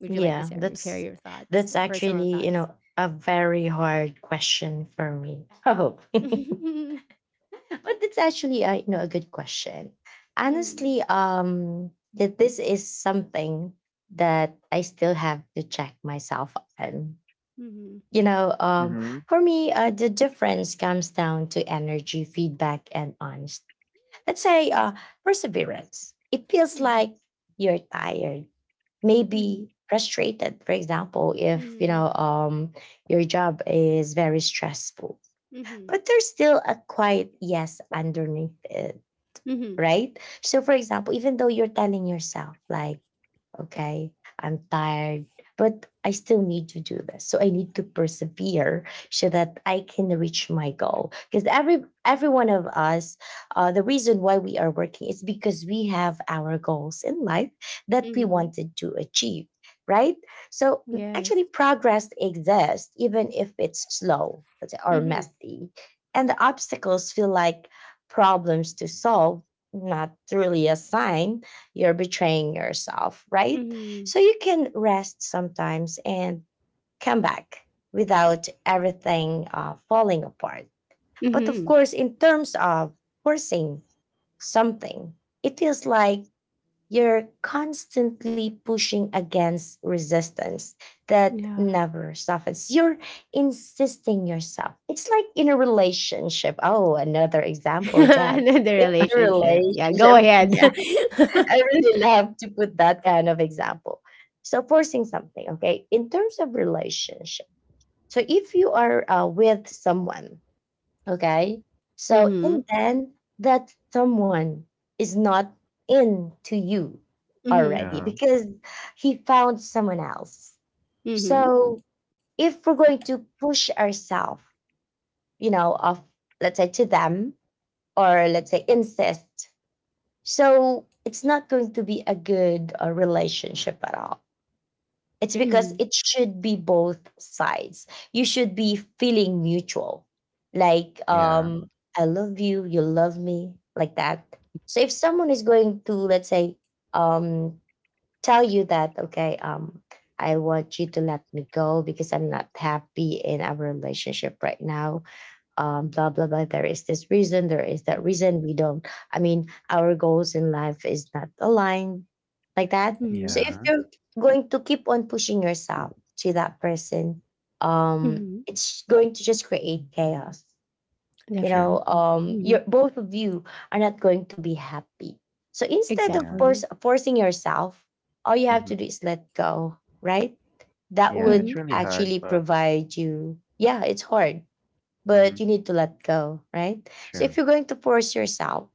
[SPEAKER 1] Would you like to
[SPEAKER 3] Yeah,
[SPEAKER 1] share your thoughts,
[SPEAKER 3] that's
[SPEAKER 1] personal
[SPEAKER 3] actually, you
[SPEAKER 1] thoughts?
[SPEAKER 3] know, a very hard question for me. Oh. But it's actually a, you know, a good question.
[SPEAKER 1] Mhm,
[SPEAKER 3] Honestly, that this is something that I still have to check myself on.
[SPEAKER 1] mhm,
[SPEAKER 3] You know,
[SPEAKER 2] Mhm.
[SPEAKER 3] for me, the difference comes down to energy, feedback and honest. Let's say
[SPEAKER 1] mhm,
[SPEAKER 3] perseverance. It feels
[SPEAKER 1] mhm,
[SPEAKER 3] like you're tired may
[SPEAKER 1] mhm,
[SPEAKER 3] be frustrated, for example if you
[SPEAKER 1] mhm,
[SPEAKER 3] know your job is very stressful
[SPEAKER 1] mhm, mhm,
[SPEAKER 3] but there's still a quiet yes underneath it,
[SPEAKER 1] mhm,
[SPEAKER 3] right? So for example even though you're telling yourself like okay, I'm tired, but I still need to do this. So I need to persevere so that I can reach my goal. Because every one of us, the reason why we are working is because we have our goals in life that we
[SPEAKER 1] mhm.
[SPEAKER 3] wanted to achieve, right? So mm,
[SPEAKER 1] Yes.
[SPEAKER 3] actually, progress exists even if it's slow let's say, or
[SPEAKER 1] Mhm,
[SPEAKER 3] messy, and the obstacles feel like problems to solve, not really a sign you're betraying yourself, right?
[SPEAKER 1] mhm,
[SPEAKER 3] So you can rest sometimes and come back without everything falling apart. But of
[SPEAKER 1] mhm.
[SPEAKER 3] course, in terms of forcing something, it feels like you're constantly pushing against resistance that
[SPEAKER 1] Yeah.
[SPEAKER 3] never softens. You're insisting yourself. It's like in a relationship. Oh, another example, Deb.
[SPEAKER 1] Another
[SPEAKER 3] In a
[SPEAKER 1] relationship. Yeah, go
[SPEAKER 3] relationship,
[SPEAKER 1] ahead.
[SPEAKER 3] yeah. I really love to put that kind of example. So forcing something, okay, in terms of relationship. So if you are with someone, okay, so and
[SPEAKER 1] Mhm,
[SPEAKER 3] then that someone is not into you
[SPEAKER 1] mhm,
[SPEAKER 3] already
[SPEAKER 2] Yeah.
[SPEAKER 3] because he found someone else.
[SPEAKER 1] mhm,
[SPEAKER 3] So if we're going to push ourselves, you know, of let's say to them or let's say insist so it's not going to be a good relationship at all. It's because
[SPEAKER 1] mhm,
[SPEAKER 3] it should be both sides. You should be feeling mutual. Like,
[SPEAKER 2] Yeah.
[SPEAKER 3] I love you, you love me, like that. So if someone is going to, let's say, um, tell you that, okay, I want you to let me go because I'm not happy in our relationship right now blah blah blah. There is this reason. There is that reason. We don't. I mean, our goals in life is not aligned like that. So
[SPEAKER 1] mhm,
[SPEAKER 3] if
[SPEAKER 2] Yeah.
[SPEAKER 3] you're going to keep on pushing yourself to that person,
[SPEAKER 1] mhm.
[SPEAKER 3] it's going to just create chaos. You
[SPEAKER 2] True.
[SPEAKER 3] know,
[SPEAKER 1] Definitely.
[SPEAKER 3] you're,
[SPEAKER 1] Mhm.
[SPEAKER 3] both of you are not going to be happy. So instead of
[SPEAKER 2] Yeah.
[SPEAKER 3] force,
[SPEAKER 1] Exactly.
[SPEAKER 3] forcing yourself, all you have
[SPEAKER 2] Mhm.
[SPEAKER 3] to do is let go, right? That
[SPEAKER 2] Yeah, it's
[SPEAKER 1] Mhm.
[SPEAKER 3] would
[SPEAKER 2] really hard,
[SPEAKER 3] actually
[SPEAKER 2] but
[SPEAKER 3] provide you. Yeah, it's hard
[SPEAKER 2] mhm.
[SPEAKER 3] but you need to let go, right? So
[SPEAKER 2] True.
[SPEAKER 3] if you're going to force yourself,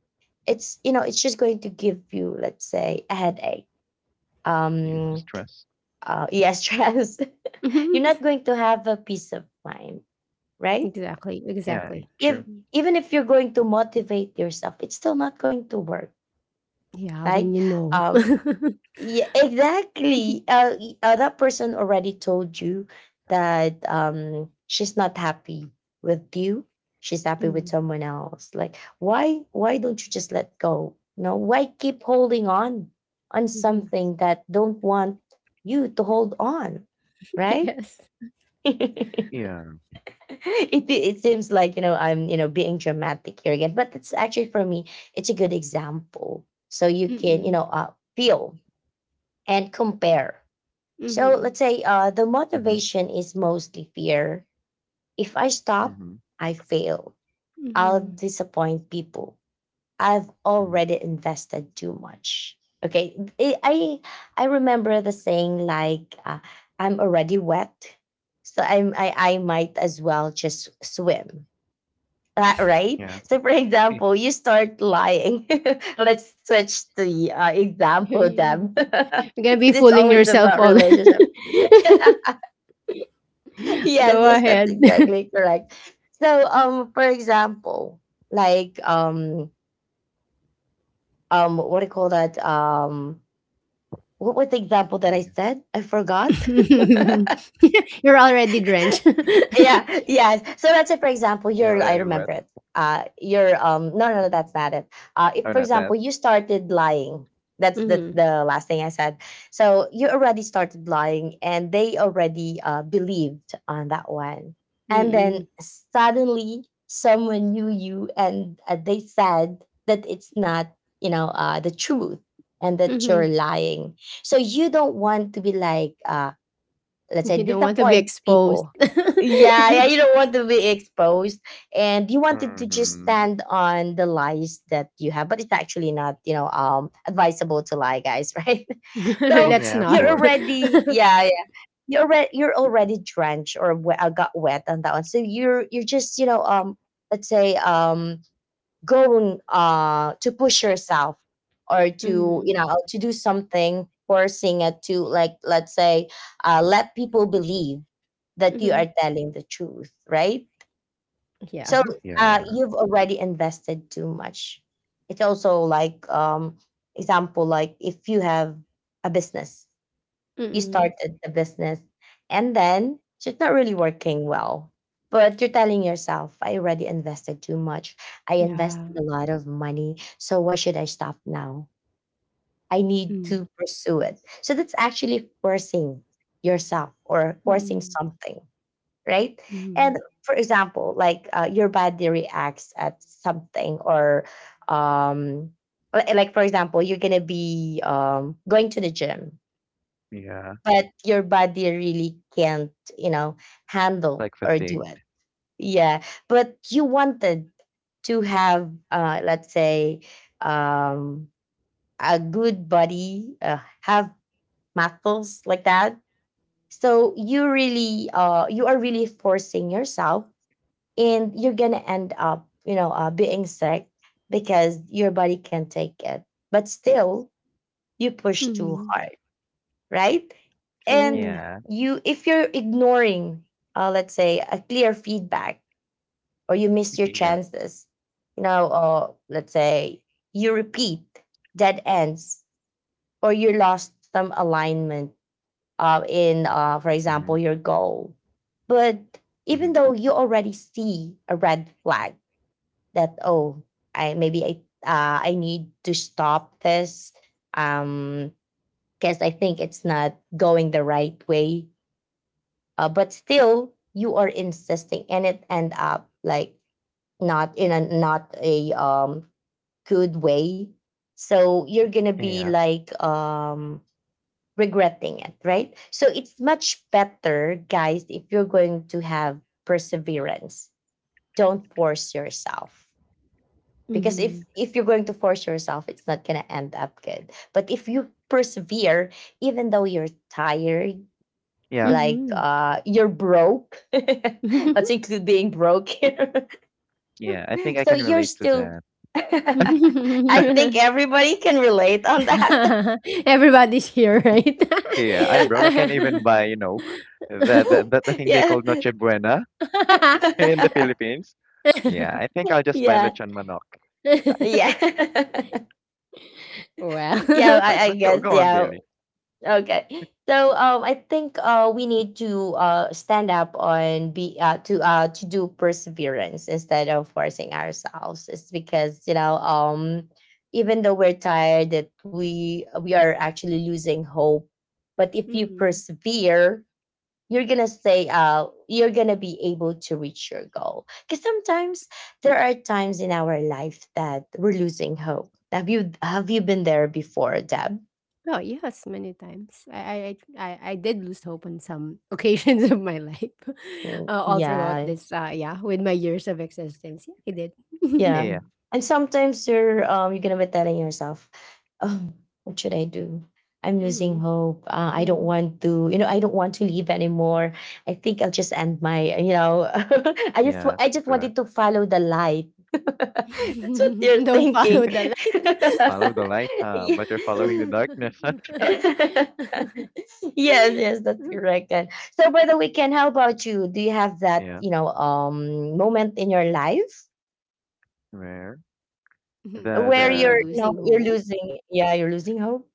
[SPEAKER 3] it's you know it's just going to give you let's say a headache.
[SPEAKER 2] You
[SPEAKER 3] Um,
[SPEAKER 2] stress.
[SPEAKER 3] yeah, stress. You're
[SPEAKER 1] Mhm.
[SPEAKER 3] not going to have a peace of mind, right?
[SPEAKER 1] Exactly,
[SPEAKER 2] Yeah, it
[SPEAKER 1] exactly.
[SPEAKER 2] true.
[SPEAKER 3] If
[SPEAKER 1] Y
[SPEAKER 3] even if you're going to motivate yourself, it's still not going to work,
[SPEAKER 1] yeah, when
[SPEAKER 3] right?
[SPEAKER 1] you know.
[SPEAKER 3] Um, yeah, exactly. That person already told you that she's not happy with you. She's happy with
[SPEAKER 1] Mm,
[SPEAKER 3] someone else. Like, why? Why don't you just let go? No, why keep holding on
[SPEAKER 1] mhm.
[SPEAKER 3] something that don't want you to hold on, right?
[SPEAKER 1] Yes.
[SPEAKER 3] it
[SPEAKER 2] Yeah.
[SPEAKER 3] it seems like I'm being dramatic here again, but it's actually for me it's a good example. So you can
[SPEAKER 1] Mm,
[SPEAKER 3] feel and compare. So let's
[SPEAKER 1] mhm,
[SPEAKER 3] say the
[SPEAKER 2] Mm-hmm.
[SPEAKER 3] motivation is mostly fear. If I stop,
[SPEAKER 2] Mm-hmm.
[SPEAKER 3] I fail. I'll
[SPEAKER 1] mhm.
[SPEAKER 3] disappoint people. I've
[SPEAKER 2] Mm-hmm.
[SPEAKER 3] already invested too much. Okay, I remember the saying like I'm already wet, so I might as well just swim. Right.
[SPEAKER 2] Yeah.
[SPEAKER 3] So, for example, you start lying. Let's switch the example, them,
[SPEAKER 1] You're gonna be
[SPEAKER 3] because it's
[SPEAKER 1] fooling
[SPEAKER 3] always
[SPEAKER 1] yourself
[SPEAKER 3] about
[SPEAKER 1] all.
[SPEAKER 3] relationship.
[SPEAKER 1] Go
[SPEAKER 3] Yes, yes, that's
[SPEAKER 1] ahead.
[SPEAKER 3] exactly correct. So, for example, like what do you call that? What was the example that
[SPEAKER 2] Yeah.
[SPEAKER 3] I said? I forgot.
[SPEAKER 1] You're already drenched.
[SPEAKER 3] Yeah, yeah. So let's say for example,
[SPEAKER 2] You're
[SPEAKER 3] you're I
[SPEAKER 2] already wet.
[SPEAKER 3] remember it. You're No, no, no, that's not it.
[SPEAKER 2] Oh,
[SPEAKER 3] If for
[SPEAKER 2] not that.
[SPEAKER 3] example you started lying, that's the
[SPEAKER 1] Mhm,
[SPEAKER 3] the last thing I said. So you already started lying, and they already believed on that one, and
[SPEAKER 1] mm,
[SPEAKER 3] then suddenly someone knew you, and they said that it's not, the truth, and that you're
[SPEAKER 1] mhm.
[SPEAKER 3] lying. So you don't want to be like, let's say,
[SPEAKER 1] You don't want to be
[SPEAKER 3] disappoint
[SPEAKER 1] exposed.
[SPEAKER 3] people. Yeah, yeah, you don't want to be exposed, and you wanted to just
[SPEAKER 2] Mm-hmm.
[SPEAKER 3] stand on the lies that you have, but it's actually not, advisable to lie, guys. Right? So
[SPEAKER 1] Let's
[SPEAKER 2] Yeah, of
[SPEAKER 1] not.
[SPEAKER 3] you're
[SPEAKER 2] course.
[SPEAKER 3] already, yeah, yeah, you're already drenched, or got wet on that one. So you're just, let's say, go to push yourself, or to,
[SPEAKER 1] Mhm,
[SPEAKER 3] to do something, forcing it to, like, let's say, let people believe that you are
[SPEAKER 1] mhm.
[SPEAKER 3] telling the truth, right?
[SPEAKER 1] Yeah.
[SPEAKER 3] So
[SPEAKER 2] Yeah.
[SPEAKER 3] you've already invested too much. It's also like, example, like if you have a business, you
[SPEAKER 1] Mm.
[SPEAKER 3] started the business, and then it's not really working well, but you're telling yourself, I already invested too much. I
[SPEAKER 1] Yeah.
[SPEAKER 3] invested a lot of money, so why should I stop now? I need
[SPEAKER 1] Mm,
[SPEAKER 3] to pursue it. So that's actually forcing yourself or forcing
[SPEAKER 1] mm,
[SPEAKER 3] something, right? And
[SPEAKER 1] mm.
[SPEAKER 3] for example, like, your body reacts at something, or um like for example you're gonna be going to the gym,
[SPEAKER 2] Yeah.
[SPEAKER 3] but your body really can't, you know, handle
[SPEAKER 2] Like
[SPEAKER 3] or do
[SPEAKER 2] fatigued.
[SPEAKER 3] it. Yeah, but you wanted to have, let's say, um, a good body, have muscles like that. So you are really forcing yourself, and you're gonna end up, being sick because your body can't take it. But still, you push too
[SPEAKER 1] Mhm.
[SPEAKER 3] hard, right? And
[SPEAKER 1] True.
[SPEAKER 2] Yeah.
[SPEAKER 3] if you're ignoring, let's say, a clear feedback, or you miss your
[SPEAKER 2] Yeah.
[SPEAKER 3] chances, or let's say you repeat dead ends, or you lost some alignment in, for
[SPEAKER 2] Mm-hmm.
[SPEAKER 3] example, your goal. But
[SPEAKER 2] Mm-hmm.
[SPEAKER 3] even though you already see a red flag that, oh, I maybe I need to stop this, um, because I think it's not going the right way, but still you are insisting and it end up like not in a not a good way. So you're gonna be
[SPEAKER 2] Yeah.
[SPEAKER 3] like, regretting it, right? So it's much better, guys, if you're going to have perseverance, don't force yourself. Because if
[SPEAKER 1] Mhm.
[SPEAKER 3] if you're going to force yourself, it's not gonna end up good. But if you persevere, even though you're tired,
[SPEAKER 2] Yeah.
[SPEAKER 3] like,
[SPEAKER 1] Mhm.
[SPEAKER 3] you're broke, let's include being broke here.
[SPEAKER 2] Yeah, I think I
[SPEAKER 3] So
[SPEAKER 2] can
[SPEAKER 3] you're
[SPEAKER 2] relate to
[SPEAKER 3] still.
[SPEAKER 2] that.
[SPEAKER 3] I think everybody can relate on that.
[SPEAKER 1] Everybody's here, right?
[SPEAKER 2] Yeah. I'm broke. I
[SPEAKER 3] Yeah,
[SPEAKER 2] can't even buy, you know, the thing they
[SPEAKER 3] yeah.
[SPEAKER 2] call Noche Buena in the Philippines. Yeah. I think I'll just buy
[SPEAKER 3] Yeah,
[SPEAKER 2] lechon manok.
[SPEAKER 3] yeah.
[SPEAKER 1] Well.
[SPEAKER 3] Yeah, I
[SPEAKER 2] But go
[SPEAKER 3] guess,
[SPEAKER 2] go on,
[SPEAKER 3] yeah.
[SPEAKER 2] Bailey.
[SPEAKER 3] Okay. So, I think we need to, stand up and be, to do perseverance instead of forcing ourselves. It's because, even though we're tired, that we are actually losing hope. But if you
[SPEAKER 1] Mhm.
[SPEAKER 3] persevere, you're gonna stay. You're gonna be able to reach your goal. Because sometimes there are times in our life that we're losing hope. Have you been there before, Deb?
[SPEAKER 1] Oh yes, many times. I did lose hope on some occasions of my life,
[SPEAKER 3] Mm.
[SPEAKER 1] all throughout
[SPEAKER 3] Yeah.
[SPEAKER 1] this. Yeah, with my years of existence, yeah, I did.
[SPEAKER 3] Yeah.
[SPEAKER 2] Yeah.
[SPEAKER 3] And sometimes you're gonna be telling yourself, oh, what should I do? I'm
[SPEAKER 1] Hmm.
[SPEAKER 3] losing hope. I don't
[SPEAKER 1] Hmm.
[SPEAKER 3] want to, I don't want to leave anymore. I think I'll just end my,
[SPEAKER 2] Yeah.
[SPEAKER 3] I just
[SPEAKER 2] But
[SPEAKER 3] wanted to follow the light. That's what you're
[SPEAKER 1] Don't follow
[SPEAKER 3] thinking.
[SPEAKER 1] the light.
[SPEAKER 2] follow the light, huh? But you're following the
[SPEAKER 3] Yeah.
[SPEAKER 2] darkness.
[SPEAKER 3] Yes, yes, that's correct. And so by the way, Ken, how about you? Do you have that,
[SPEAKER 2] Yeah.
[SPEAKER 3] moment in your life?
[SPEAKER 2] Where the
[SPEAKER 1] Where
[SPEAKER 3] Where
[SPEAKER 1] you're
[SPEAKER 3] you're,
[SPEAKER 2] the
[SPEAKER 1] losing
[SPEAKER 3] you're
[SPEAKER 1] hope?
[SPEAKER 3] losing, yeah, you're losing hope.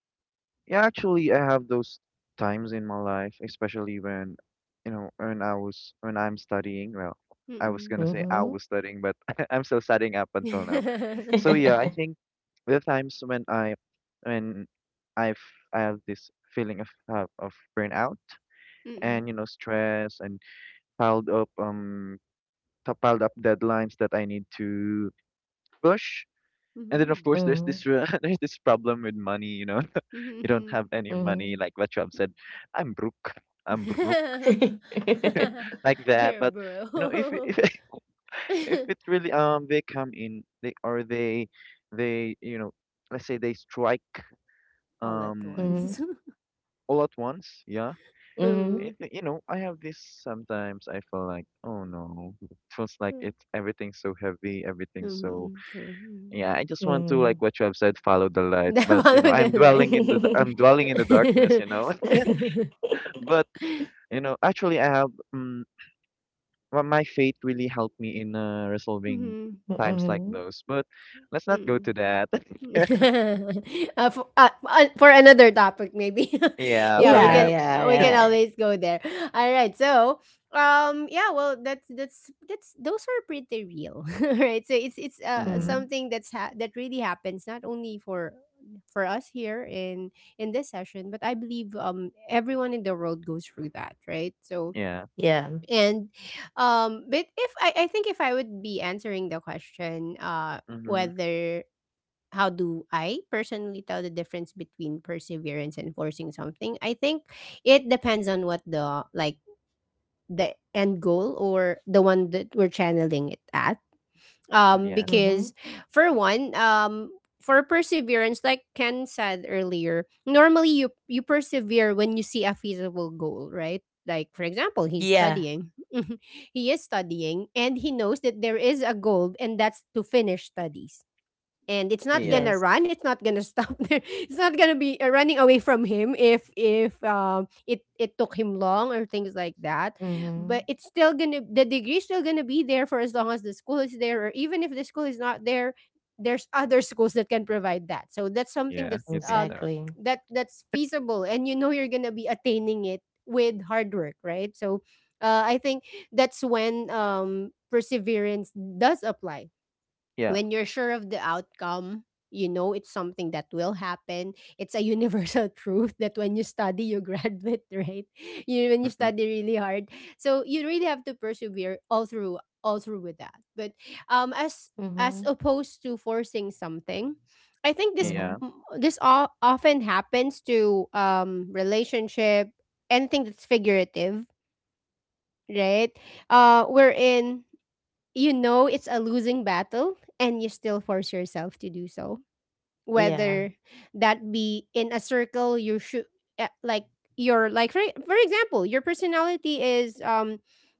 [SPEAKER 2] yeah, actually, I have those times in my life, especially when, you know, when I was when I'm studying. Well, I was
[SPEAKER 1] Mm-mm.
[SPEAKER 2] gonna say I
[SPEAKER 3] Mhm.
[SPEAKER 2] was studying, but I'm still studying up until now. So yeah, I think the times when I when I've I have this feeling of burnout and
[SPEAKER 1] Mm-mm.
[SPEAKER 2] you know stress and piled up t- piled up deadlines that I need to push. And then of
[SPEAKER 1] Mhm.
[SPEAKER 2] course there's
[SPEAKER 3] Mhm.
[SPEAKER 2] this re- there's this problem with money, you know. You don't
[SPEAKER 1] Mhm.
[SPEAKER 2] have any money,
[SPEAKER 3] Mhm.
[SPEAKER 2] like what you have said. I'm broke. I'm broke, like that.
[SPEAKER 1] Here,
[SPEAKER 2] But you know,
[SPEAKER 1] bro.
[SPEAKER 2] if if it really they come in they or they they you know let's say they strike
[SPEAKER 1] All at
[SPEAKER 2] um
[SPEAKER 3] Mhm.
[SPEAKER 1] once.
[SPEAKER 2] all at once yeah
[SPEAKER 3] Mhm.
[SPEAKER 2] it,
[SPEAKER 1] Mm.
[SPEAKER 2] you know I have this sometimes I feel like oh no it feels like it's everything's so heavy everything's so.
[SPEAKER 1] Mhm, true.
[SPEAKER 2] Yeah, I just want to like
[SPEAKER 3] Mhm.
[SPEAKER 2] what you have said, follow the light. But
[SPEAKER 1] Mhm.
[SPEAKER 2] you
[SPEAKER 1] Follow
[SPEAKER 2] know, I'm dwelling in the d- I'm dwelling in the darkness,
[SPEAKER 1] the
[SPEAKER 2] you know.
[SPEAKER 1] line.
[SPEAKER 2] But you know, actually, I have well, my faith really helped me in resolving
[SPEAKER 1] Mhm,
[SPEAKER 2] times like
[SPEAKER 3] Mhm.
[SPEAKER 2] those. But let's not go to
[SPEAKER 1] mhm.
[SPEAKER 2] that.
[SPEAKER 1] For, for another topic maybe,
[SPEAKER 2] Yeah,
[SPEAKER 1] yeah,
[SPEAKER 3] Yeah,
[SPEAKER 2] perhaps.
[SPEAKER 3] yeah,
[SPEAKER 1] we can
[SPEAKER 3] yeah.
[SPEAKER 1] always go there. All right, so, yeah, well, that's those are pretty real, right? So it's
[SPEAKER 2] Mm,
[SPEAKER 3] Mhm.
[SPEAKER 1] something that's that really happens, not only for us here in this session, but I believe everyone in the world goes through that, right? So,
[SPEAKER 2] yeah.
[SPEAKER 3] Yeah.
[SPEAKER 1] and but if I think, if I would be answering the question,
[SPEAKER 2] Mm-hmm.
[SPEAKER 1] whether, how do I personally tell the difference between perseverance and forcing something? I think it depends on what, the like, the end goal, or the one that we're channeling it at.
[SPEAKER 2] Mm-hmm. Yeah.
[SPEAKER 3] Mhm.
[SPEAKER 1] Because, for one, for perseverance, like Ken said earlier, normally you persevere when you see a feasible goal, right? Like, for example, he's
[SPEAKER 3] Yeah.
[SPEAKER 1] studying. He is studying, and he knows that there is a goal, and that's to finish studies, and
[SPEAKER 2] Yeah.
[SPEAKER 3] Yes.
[SPEAKER 1] it's not gonna stop there. It's not gonna be running away from him if it took him long, or things like that. But
[SPEAKER 3] Mhm.
[SPEAKER 1] it's still gonna the degree's still gonna be there for as long as the school is there, or even if the school is not there, there's other schools that can provide that. So that's something
[SPEAKER 2] Yeah.
[SPEAKER 1] that's
[SPEAKER 2] You think
[SPEAKER 1] um
[SPEAKER 2] so?
[SPEAKER 3] Exactly.
[SPEAKER 1] that that's feasible, and you know you're gonna be attaining it with hard work, right? So I think that's when perseverance does apply,
[SPEAKER 2] Yeah.
[SPEAKER 1] when you're sure of the outcome. You know it's something that will happen. It's a universal truth that when you study, you graduate, right? You when you
[SPEAKER 2] Mm-hmm.
[SPEAKER 1] study really hard, so you really have to persevere all through with that. But as
[SPEAKER 3] Mhm.
[SPEAKER 1] opposed to forcing something, I think this
[SPEAKER 2] Yeah.
[SPEAKER 3] Mhm.
[SPEAKER 1] often happens to relationship, anything that's figurative, right? We're in You know it's a losing battle, and you still force yourself to do so,
[SPEAKER 3] Yeah.
[SPEAKER 1] whether that be in a circle. You should, uh, like like, for example, your personality is, um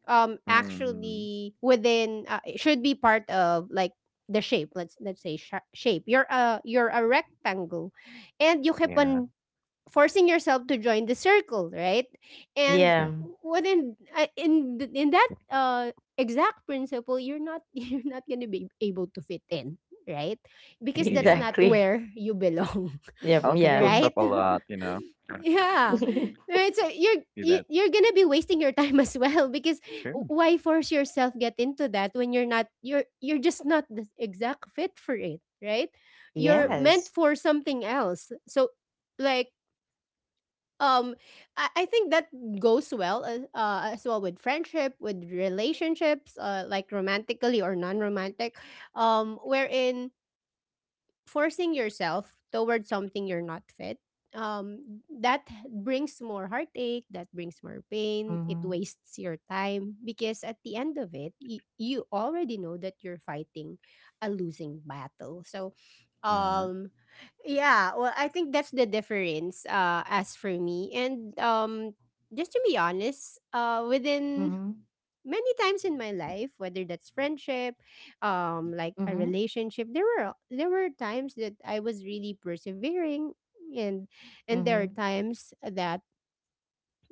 [SPEAKER 1] um
[SPEAKER 2] Mm-hmm.
[SPEAKER 1] actually within, it should be part of, like, the shape. Let's say, shape, you're a rectangle, and you keep
[SPEAKER 2] Yeah.
[SPEAKER 1] on forcing yourself to join the circle, right? And
[SPEAKER 3] Yeah.
[SPEAKER 2] Sure.
[SPEAKER 1] what in th- in that exact principle, you're not you're not gonna be able to fit in, right? Because that's
[SPEAKER 2] Yeah.
[SPEAKER 1] not
[SPEAKER 3] Exactly.
[SPEAKER 1] where you belong,
[SPEAKER 3] Yeah.
[SPEAKER 2] I don't think you'll
[SPEAKER 3] Yeah.
[SPEAKER 1] right?
[SPEAKER 2] stop a lot, you know.
[SPEAKER 1] Yeah, right. So you're
[SPEAKER 2] Do
[SPEAKER 1] you-
[SPEAKER 2] that.
[SPEAKER 1] you're gonna be wasting your time as well, because,
[SPEAKER 2] Sure.
[SPEAKER 1] why force yourself, get into that when you're just not the exact fit for it, right? You're
[SPEAKER 2] Oh,
[SPEAKER 1] meant
[SPEAKER 3] Yes.
[SPEAKER 1] for something else. So, like, um I think that goes well, as well with friendship, with relationships, like romantically or non-romantic, wherein forcing yourself towards something you're not fit, that brings more heartache, that brings more pain. It
[SPEAKER 3] Mhm.
[SPEAKER 1] wastes your time, because at the end of it, you already know that you're fighting a losing battle. So
[SPEAKER 2] yeah.
[SPEAKER 1] um yeah, well, I think that's the difference, as for me. And just to be honest, within
[SPEAKER 3] Mhm.
[SPEAKER 1] many times in my life, whether that's friendship, like a
[SPEAKER 3] Mhm.
[SPEAKER 1] relationship, there were times that I was really persevering, and there are
[SPEAKER 3] Mhm.
[SPEAKER 1] times that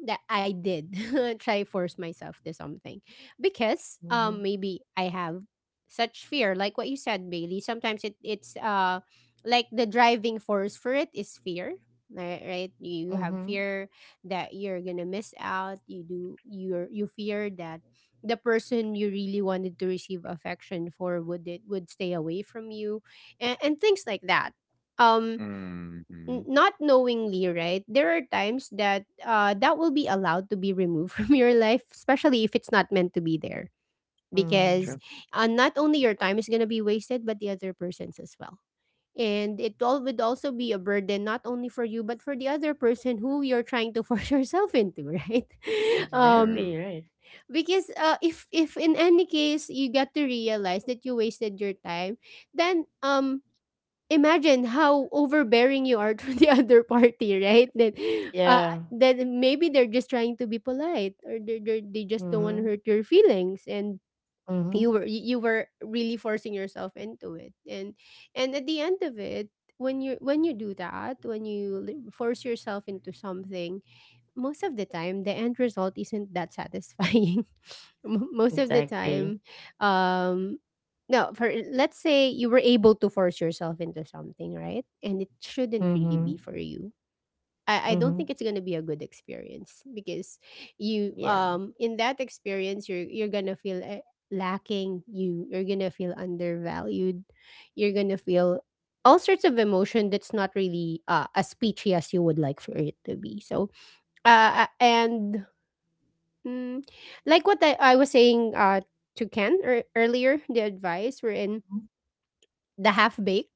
[SPEAKER 1] I did try force myself to something, because
[SPEAKER 3] Mhm.
[SPEAKER 1] maybe I have such fear. Like what you said, Bailey, sometimes it's like the driving force for it is fear, right, right? You have
[SPEAKER 3] Mhm.
[SPEAKER 1] fear that you're going to miss out, you fear that the person you really wanted to receive affection for would, it would stay away from you, and things like that, um
[SPEAKER 2] Mhm.
[SPEAKER 1] not knowingly, right? There are times that will be allowed to be removed from your life, especially if it's not meant to be there, because,
[SPEAKER 3] Mm.
[SPEAKER 2] True,
[SPEAKER 1] not only your time is gonna be wasted, but the other person's as well. And it all would also be a burden not only for you but for the other person who you're trying to force yourself into, right? Um,
[SPEAKER 3] Exactly,
[SPEAKER 2] true.
[SPEAKER 3] right.
[SPEAKER 1] because, if in any case you get to realize that you wasted your time, then imagine how overbearing you are to the other party, right? Uh,
[SPEAKER 3] Yeah.
[SPEAKER 1] then maybe they're just trying to be polite, or they just don't want to
[SPEAKER 3] Mhm.
[SPEAKER 1] hurt your feelings, and you
[SPEAKER 3] Mhm.
[SPEAKER 1] were you were really forcing yourself into it, and at the end of it, when you do that, when you force yourself into something, most of the time the end result isn't that satisfying. Most of the
[SPEAKER 3] Exactly.
[SPEAKER 1] time um no, for let's say you were able to force yourself into something, right, and it shouldn't really
[SPEAKER 3] Mhm.
[SPEAKER 1] be for you. I don't
[SPEAKER 3] Mhm.
[SPEAKER 1] think it's going to be a good experience because you
[SPEAKER 3] Yeah.
[SPEAKER 1] in that experience you're going to feel lacking. You're going to feel undervalued, you're going to feel all sorts of emotion that's not really as peachy as you would like for it to be. So uh, and mm, like what I was saying to Ken earlier, the advice we're in
[SPEAKER 3] Mhm.
[SPEAKER 1] the half bake.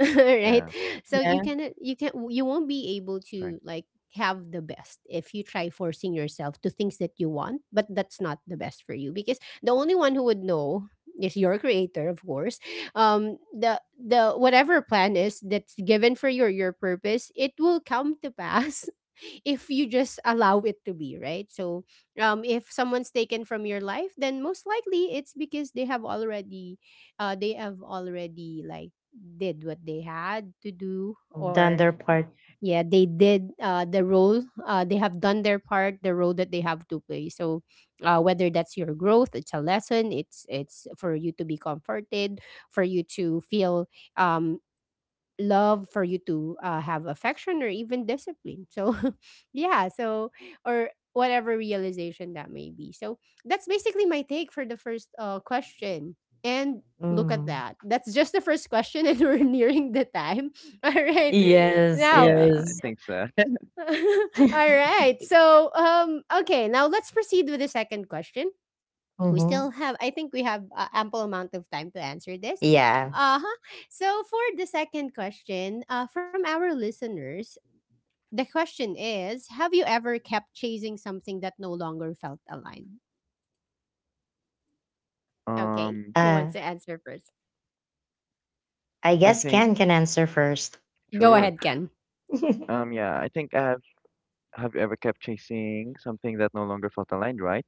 [SPEAKER 1] Right.
[SPEAKER 2] Yeah,
[SPEAKER 1] So
[SPEAKER 3] Yeah.
[SPEAKER 1] you cannot, you can't, you won't be able
[SPEAKER 2] sorry.
[SPEAKER 1] to like have the best if you try forcing yourself to things that you want but that's not the best for you, because the only one who would know is your creator, of course. The whatever plan is that's given for your purpose, it will come to pass. If you just allow it to be, right? So if someone's taken from your life, then most likely it's because they have already like did what they had to do.
[SPEAKER 3] Done
[SPEAKER 1] Or
[SPEAKER 3] their part.
[SPEAKER 1] yeah, they did the role, they have done their part, the role that they have to play. So, whether that's your growth, it's a lesson, it's for you to be comforted, for you to feel um, love, for you to have affection, or even discipline. So, yeah, so, or whatever realization that may be. So, that's basically my take for the first question. And look at
[SPEAKER 3] Mm.
[SPEAKER 1] that. That's just the first question, and we're nearing the time. All right.
[SPEAKER 3] Yes,
[SPEAKER 1] Now,
[SPEAKER 2] Yeah, I
[SPEAKER 3] yes.
[SPEAKER 2] think so.
[SPEAKER 1] all right. So, okay, now let's proceed with the second question. We still
[SPEAKER 3] Mhm.
[SPEAKER 1] have, I think we have ample amount of time to answer this.
[SPEAKER 3] Yeah.
[SPEAKER 1] Uh-huh. So for the second question, from our listeners, the question is, have you ever kept chasing something that no longer felt aligned? Okay,
[SPEAKER 2] Um,
[SPEAKER 1] who wants
[SPEAKER 3] Uh
[SPEAKER 1] to answer first?
[SPEAKER 3] I
[SPEAKER 2] I
[SPEAKER 3] guess
[SPEAKER 2] think
[SPEAKER 3] Ken can answer first.
[SPEAKER 1] Go
[SPEAKER 2] sure.
[SPEAKER 1] ahead, Ken.
[SPEAKER 2] Yeah, I think I have you ever kept chasing something that no longer felt aligned, right?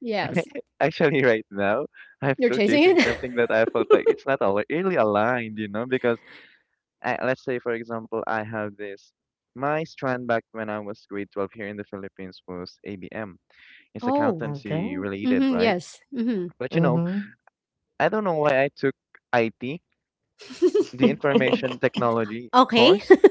[SPEAKER 1] Yes.
[SPEAKER 2] Actually, right now, I'm
[SPEAKER 1] You're
[SPEAKER 2] still
[SPEAKER 1] chasing
[SPEAKER 2] chasing
[SPEAKER 1] it.
[SPEAKER 2] something that I felt like it's not al really aligned, you know, because let's say, for example, I have this. My strand back when I was grade 12 here in the Philippines was ABM. It's
[SPEAKER 1] Oh.
[SPEAKER 3] Okay.
[SPEAKER 2] accountancy related,
[SPEAKER 1] Mm-hmm,
[SPEAKER 2] right?
[SPEAKER 1] yes, mm-hmm.
[SPEAKER 2] But you know,
[SPEAKER 3] Mhm.
[SPEAKER 2] I don't know why I took IT, the information technology
[SPEAKER 1] Okay.
[SPEAKER 2] course.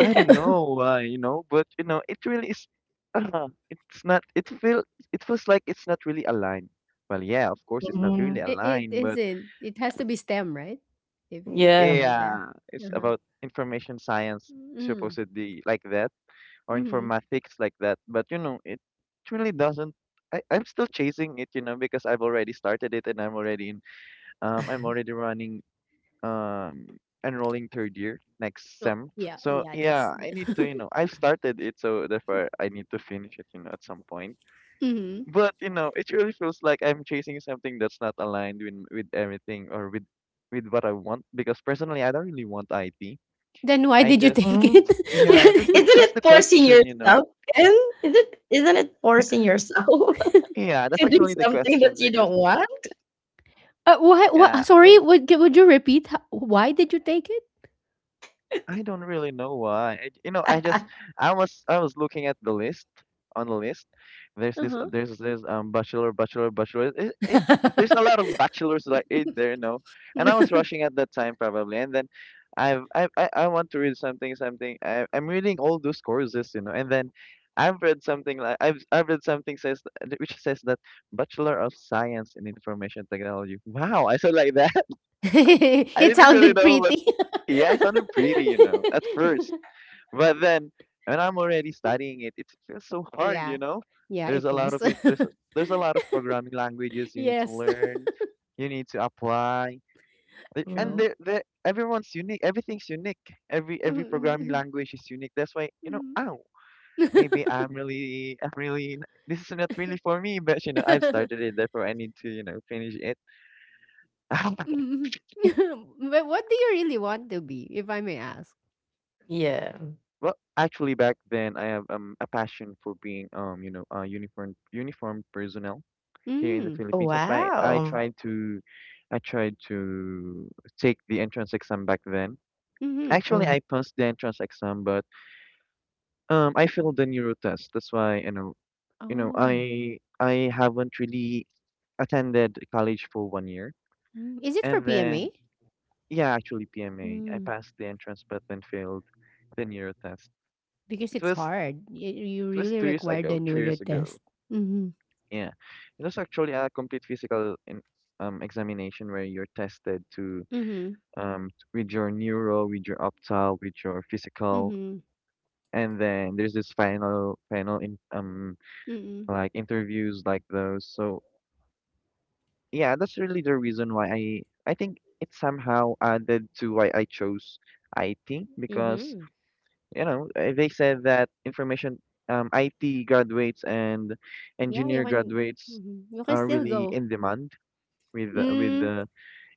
[SPEAKER 2] I don't know why, you know, but you know, it really is. It's not. It feel. It feels like it's not really aligned. Well, yeah, of course, it's not really
[SPEAKER 3] Mhm.
[SPEAKER 1] It
[SPEAKER 2] aligned, but
[SPEAKER 1] isn't, it has to be stem, right? If you feel
[SPEAKER 3] Yeah.
[SPEAKER 1] like that.
[SPEAKER 2] yeah, it's
[SPEAKER 1] Uh-huh.
[SPEAKER 2] about information science,
[SPEAKER 1] Mm-hmm.
[SPEAKER 2] supposedly like that, or informatics like that. But you know, it really doesn't. I'm still chasing it, you know, because I've already started it and I'm already in. I'm already running um enrolling third year next
[SPEAKER 1] No,
[SPEAKER 2] sem.
[SPEAKER 1] yeah,
[SPEAKER 2] So
[SPEAKER 1] yeah, that's
[SPEAKER 2] yeah, I need to, you know, I've started it, so therefore I need to finish it, you know, at some point.
[SPEAKER 1] Mhm.
[SPEAKER 2] But you know, it really feels like I'm chasing something that's not aligned with everything or with what I want because personally I don't really want IT.
[SPEAKER 1] Then why
[SPEAKER 2] I
[SPEAKER 1] did you
[SPEAKER 2] just
[SPEAKER 1] take
[SPEAKER 3] Mm. Yeah,
[SPEAKER 1] it?
[SPEAKER 2] yeah,
[SPEAKER 3] isn't
[SPEAKER 2] that's
[SPEAKER 3] it
[SPEAKER 2] the
[SPEAKER 3] forcing
[SPEAKER 2] question, you know.
[SPEAKER 3] yourself? And is it isn't it forcing yourself
[SPEAKER 2] Yeah, that's
[SPEAKER 3] to do
[SPEAKER 2] actually the
[SPEAKER 3] something that
[SPEAKER 2] question
[SPEAKER 3] you don't
[SPEAKER 2] because
[SPEAKER 3] want?
[SPEAKER 1] Uh, why, why?
[SPEAKER 2] yeah,
[SPEAKER 1] Sorry,
[SPEAKER 2] maybe
[SPEAKER 1] would you repeat? Why did you take it?
[SPEAKER 2] I don't really know why. I, you know, I just I was looking at the list on the list.
[SPEAKER 1] Uh huh.
[SPEAKER 2] There's this bachelor. It, there's a lot of bachelors like in there, you know. And I was rushing at that time probably, and then I've I want to read something something. I I'm reading all those courses, you know, and then. I've read something like I've read something says which says that Bachelor of Science in Information Technology. Wow, I said like that. I
[SPEAKER 1] It
[SPEAKER 2] didn't really
[SPEAKER 1] sounded
[SPEAKER 2] know what's
[SPEAKER 1] pretty.
[SPEAKER 2] yeah, I sounded pretty, you know, at first. But then when I'm already studying it, it feels so hard, you
[SPEAKER 1] Yeah,
[SPEAKER 2] know?
[SPEAKER 1] yeah,
[SPEAKER 2] There's
[SPEAKER 1] it
[SPEAKER 2] a lot of
[SPEAKER 1] is.
[SPEAKER 2] it, there's a lot of programming languages you need to
[SPEAKER 1] Yes,
[SPEAKER 2] learn, you need to apply. The- And
[SPEAKER 1] true.
[SPEAKER 3] Mm.
[SPEAKER 2] they're, everyone's unique, everything's unique. Every programming
[SPEAKER 1] Mhm,
[SPEAKER 2] language is unique. That's why,
[SPEAKER 1] mhm,
[SPEAKER 2] you know,
[SPEAKER 1] mhm.
[SPEAKER 2] ow, maybe this is not really for me, but I've started it, therefore I need to, finish it.
[SPEAKER 1] Mhm. But what do you really want to be, if I may ask?
[SPEAKER 3] Yeah.
[SPEAKER 2] Well, actually back then I have a passion for being a uniformed personnel here in the
[SPEAKER 1] Mm.
[SPEAKER 3] Oh,
[SPEAKER 2] Philippines. That's why
[SPEAKER 3] wow.
[SPEAKER 2] I tried to take the entrance exam back then.
[SPEAKER 1] Mm-hmm.
[SPEAKER 2] Actually,
[SPEAKER 3] Hmm.
[SPEAKER 2] I passed the entrance exam, but I failed the neuro test. That's why you know,
[SPEAKER 1] Oh,
[SPEAKER 2] I I haven't really attended college for 1 year,
[SPEAKER 1] mm, is it for
[SPEAKER 2] and then
[SPEAKER 1] PMA?
[SPEAKER 2] yeah, actually PMA. I
[SPEAKER 1] Mm,
[SPEAKER 2] passed the entrance, but then failed the neuro test.
[SPEAKER 1] because
[SPEAKER 2] It
[SPEAKER 1] it's
[SPEAKER 2] was
[SPEAKER 1] hard. You
[SPEAKER 2] it was
[SPEAKER 1] really
[SPEAKER 2] 2 years
[SPEAKER 1] require
[SPEAKER 2] ago,
[SPEAKER 1] the
[SPEAKER 2] three
[SPEAKER 1] neuro
[SPEAKER 2] years ago.
[SPEAKER 1] test. Mm-hmm.
[SPEAKER 2] Yeah, it was actually a complete physical in, examination where you're tested to
[SPEAKER 1] Mm-hmm.
[SPEAKER 2] with your neuro, with your optal, with your physical,
[SPEAKER 1] Mm-hmm.
[SPEAKER 2] and then there's this final in
[SPEAKER 1] Mm-hmm.
[SPEAKER 2] like interviews like those. So yeah, that's really the reason why I think it somehow added to why I chose IT because
[SPEAKER 1] Mm-hmm.
[SPEAKER 2] they said that information IT graduates and
[SPEAKER 1] Yeah, you
[SPEAKER 2] engineer
[SPEAKER 1] can.
[SPEAKER 2] graduates
[SPEAKER 1] Mhm, you can
[SPEAKER 2] are
[SPEAKER 1] still
[SPEAKER 2] really
[SPEAKER 1] go.
[SPEAKER 2] in demand with
[SPEAKER 1] Mm,
[SPEAKER 2] the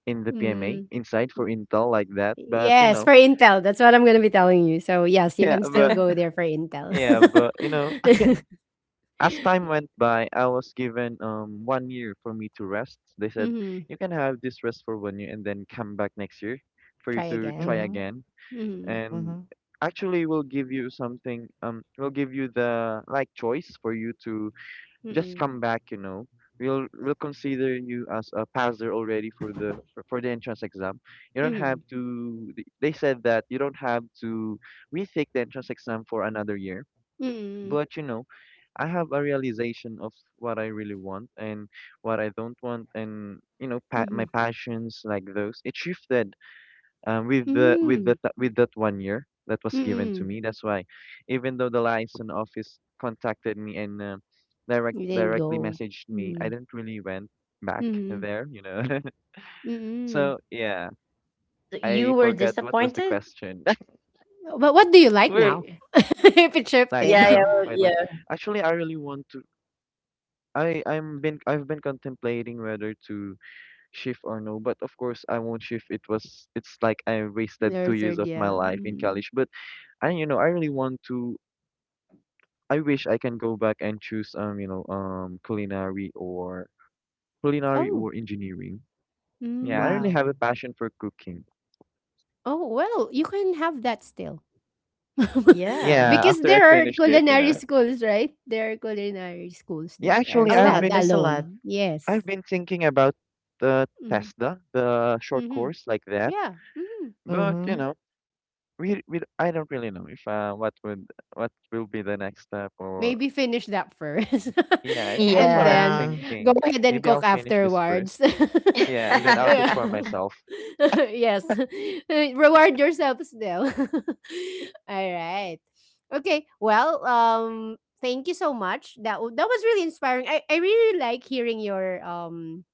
[SPEAKER 2] in the PMA
[SPEAKER 1] mm.
[SPEAKER 2] inside for Intel like that. But you
[SPEAKER 1] Yes,
[SPEAKER 2] know
[SPEAKER 1] for Intel. That's what I'm gonna be telling you. So yes, you
[SPEAKER 2] yeah,
[SPEAKER 1] can still
[SPEAKER 2] but.
[SPEAKER 1] go there for Intel.
[SPEAKER 2] Yeah, but you know, as time went by, I was given 1 year for me to rest. They said
[SPEAKER 1] Mm-hmm.
[SPEAKER 2] you can have this rest for 1 year and then come back next year for you
[SPEAKER 1] Try
[SPEAKER 2] to try
[SPEAKER 1] again.
[SPEAKER 3] Hmm.
[SPEAKER 2] again.
[SPEAKER 1] Mm-hmm.
[SPEAKER 2] And
[SPEAKER 3] Hmm.
[SPEAKER 2] actually, we'll give you something. We'll give you the like choice for you to just
[SPEAKER 1] Mm-hmm.
[SPEAKER 2] come back. We'll consider you as a passer already for for the entrance exam. You don't
[SPEAKER 1] Mm-hmm.
[SPEAKER 2] have to. They said that you don't have to retake the entrance exam for another year
[SPEAKER 1] Mm-hmm.
[SPEAKER 2] but I have a realization of what I really want and what I don't want, and my passions like those. It shifted
[SPEAKER 1] Mm-hmm.
[SPEAKER 2] with that 1 year that was given
[SPEAKER 1] Mm-hmm.
[SPEAKER 2] to me. That's why, even though the license office contacted me and
[SPEAKER 1] You didn't
[SPEAKER 2] directly
[SPEAKER 1] go.
[SPEAKER 2] messaged me, I
[SPEAKER 1] Mm.
[SPEAKER 2] didn't really went back
[SPEAKER 1] Mhm.
[SPEAKER 2] there.
[SPEAKER 1] Mm.
[SPEAKER 2] So yeah, I
[SPEAKER 3] You were
[SPEAKER 2] forgot what was the
[SPEAKER 3] disappointed?
[SPEAKER 2] question.
[SPEAKER 1] But what do you like now?
[SPEAKER 3] Were
[SPEAKER 1] If it
[SPEAKER 2] right
[SPEAKER 3] Yeah,
[SPEAKER 1] shifted.
[SPEAKER 3] yeah,
[SPEAKER 2] now,
[SPEAKER 3] well,
[SPEAKER 2] right now,
[SPEAKER 3] yeah.
[SPEAKER 2] actually, I really want to. I've been contemplating whether to shift or no, but of course I won't shift. It's like I wasted two
[SPEAKER 1] Your
[SPEAKER 2] years
[SPEAKER 1] third,
[SPEAKER 2] of my
[SPEAKER 1] yeah.
[SPEAKER 2] life in
[SPEAKER 1] Mm.
[SPEAKER 2] college. But I you know I really want to. I wish I can go back and choose culinary or culinary
[SPEAKER 1] Oh.
[SPEAKER 2] or engineering. Yeah, I really
[SPEAKER 1] Mm.
[SPEAKER 2] have a
[SPEAKER 3] Wow.
[SPEAKER 2] passion for cooking.
[SPEAKER 1] Oh, well, you can have that still.
[SPEAKER 3] Yeah.
[SPEAKER 2] Yeah,
[SPEAKER 1] Because
[SPEAKER 2] after I
[SPEAKER 1] there are
[SPEAKER 2] finish this,
[SPEAKER 1] culinary schools, right? There are culinary schools that
[SPEAKER 2] Yeah,
[SPEAKER 1] are
[SPEAKER 3] A
[SPEAKER 2] actually
[SPEAKER 3] lot. There's a lot.
[SPEAKER 1] standalone. Yes.
[SPEAKER 2] I've been thinking about the
[SPEAKER 1] Mm-hmm.
[SPEAKER 2] TESDA, the short
[SPEAKER 1] Mm-hmm.
[SPEAKER 2] course like that.
[SPEAKER 1] Yeah. Mhm.
[SPEAKER 2] But you
[SPEAKER 3] Hmm.
[SPEAKER 2] know. We I don't really know if what would what will be the next step or
[SPEAKER 1] Maybe finish that first
[SPEAKER 2] yeah I think that's
[SPEAKER 1] and
[SPEAKER 2] what I'm
[SPEAKER 1] then
[SPEAKER 3] Yeah.
[SPEAKER 1] go
[SPEAKER 2] thinking.
[SPEAKER 1] ahead and
[SPEAKER 2] Maybe
[SPEAKER 1] cook
[SPEAKER 2] I'll finish this first.
[SPEAKER 1] afterwards.
[SPEAKER 2] Yeah, and then I'll cook
[SPEAKER 1] Yeah.
[SPEAKER 2] for myself.
[SPEAKER 1] Yes. Reward yourself still. All right. Okay. Well, thank you so much. That that was really inspiring. I really like hearing your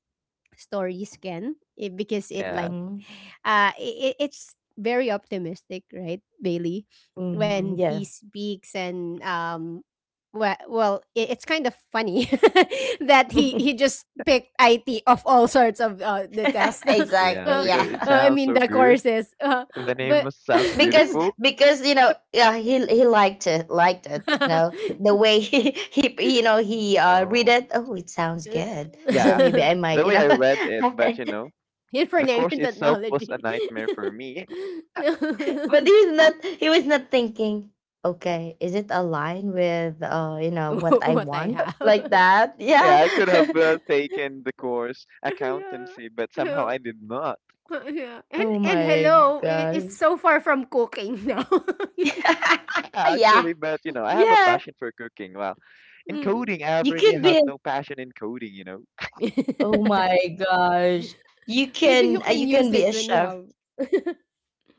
[SPEAKER 1] stories, Can, because it
[SPEAKER 2] Yeah,
[SPEAKER 1] like
[SPEAKER 3] Hmm.
[SPEAKER 1] it, it's very optimistic, right, Bailey, when
[SPEAKER 3] Hmm.
[SPEAKER 1] he
[SPEAKER 3] Yeah.
[SPEAKER 1] speaks. And well, well, it's kind of funny that he just picked it of all sorts of the tests. uh,
[SPEAKER 2] yeah,
[SPEAKER 1] uh,
[SPEAKER 3] Exactly.
[SPEAKER 2] because it
[SPEAKER 3] Yeah.
[SPEAKER 1] I
[SPEAKER 2] sounds
[SPEAKER 1] mean,
[SPEAKER 2] so
[SPEAKER 1] the
[SPEAKER 2] good.
[SPEAKER 1] courses, but
[SPEAKER 2] Sounds
[SPEAKER 3] because
[SPEAKER 2] beautiful.
[SPEAKER 3] because yeah, he liked it, liked it, the way he, he you know he read
[SPEAKER 2] No.
[SPEAKER 3] it, oh, it sounds good, so
[SPEAKER 2] Yeah,
[SPEAKER 3] maybe I might,
[SPEAKER 2] the way I read it, but the course
[SPEAKER 1] information
[SPEAKER 2] itself was
[SPEAKER 1] technology.
[SPEAKER 2] a nightmare for me.
[SPEAKER 3] but he's not he was not thinking, okay, is it aligned with, what I
[SPEAKER 1] What I
[SPEAKER 3] want,
[SPEAKER 1] have.
[SPEAKER 3] like that? Yeah.
[SPEAKER 2] Yeah, I could have taken the course
[SPEAKER 1] Yeah.
[SPEAKER 2] accountancy, but somehow
[SPEAKER 1] Yeah.
[SPEAKER 2] I did not.
[SPEAKER 1] Yeah.
[SPEAKER 3] Oh
[SPEAKER 1] And
[SPEAKER 3] my
[SPEAKER 1] hello, it, it's
[SPEAKER 3] God.
[SPEAKER 1] so far from cooking now.
[SPEAKER 3] Yeah,
[SPEAKER 2] Actually, but I have a
[SPEAKER 3] yeah.
[SPEAKER 2] passion for cooking. Wow. In
[SPEAKER 1] Mm.
[SPEAKER 2] coding, I
[SPEAKER 3] you
[SPEAKER 2] really
[SPEAKER 3] could be
[SPEAKER 2] have
[SPEAKER 3] a-
[SPEAKER 2] no passion in coding,
[SPEAKER 3] Oh my gosh,
[SPEAKER 1] Maybe you can
[SPEAKER 3] you
[SPEAKER 1] use
[SPEAKER 3] can be
[SPEAKER 1] it
[SPEAKER 3] a
[SPEAKER 1] when you
[SPEAKER 3] chef.
[SPEAKER 1] have.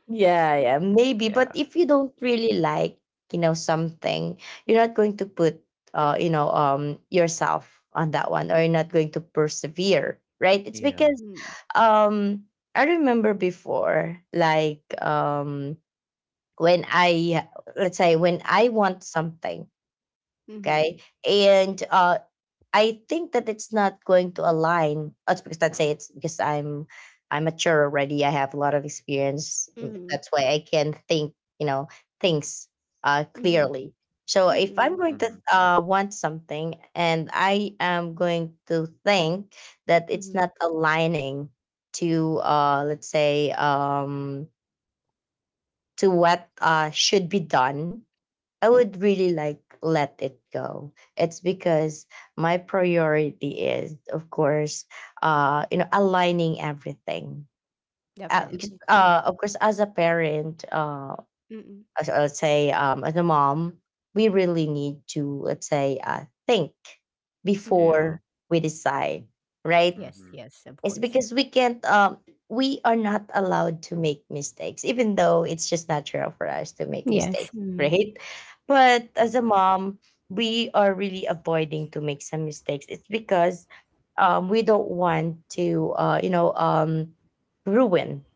[SPEAKER 3] Yeah, yeah, maybe.
[SPEAKER 2] Yeah.
[SPEAKER 3] But if you don't really like, something, you're not going to put, yourself on that one, or you're not going to persevere, right? It's
[SPEAKER 2] Yeah.
[SPEAKER 3] because,
[SPEAKER 1] Mm.
[SPEAKER 3] um, I remember before, like, when I, let's say, when I want something,
[SPEAKER 1] Mm-hmm.
[SPEAKER 3] okay, and I think that it's not going to align. It's because, let's say, it's because I'm mature already. I have a lot of experience.
[SPEAKER 1] Mm-hmm.
[SPEAKER 3] That's why I can think, things,
[SPEAKER 1] Mm-hmm.
[SPEAKER 3] clearly. So if
[SPEAKER 1] Mm-hmm.
[SPEAKER 3] I'm going to
[SPEAKER 2] Mhm.
[SPEAKER 3] want something and I am going to think that it's
[SPEAKER 1] Mm-hmm.
[SPEAKER 3] not aligning let's say, to what should be done, I would really like let it go. It's because my priority is, of course, aligning everything. Because,
[SPEAKER 1] Definitely. Mm-hmm.
[SPEAKER 3] of course, as a parent,
[SPEAKER 1] Mm-hmm.
[SPEAKER 3] let's say, as a mom, we really need to, let's say, think
[SPEAKER 2] Yeah.
[SPEAKER 1] Mm-hmm.
[SPEAKER 3] before we decide, right?
[SPEAKER 1] Yes,
[SPEAKER 2] Mhm.
[SPEAKER 1] yes, of
[SPEAKER 3] It's
[SPEAKER 1] course.
[SPEAKER 3] because we are not allowed to make mistakes, even though it's just natural for us to make mistakes,
[SPEAKER 1] Yes.
[SPEAKER 3] right? But as a
[SPEAKER 2] Mhm.
[SPEAKER 3] mom, we are really avoiding to make some mistakes. It's because, we don't want to, ruin,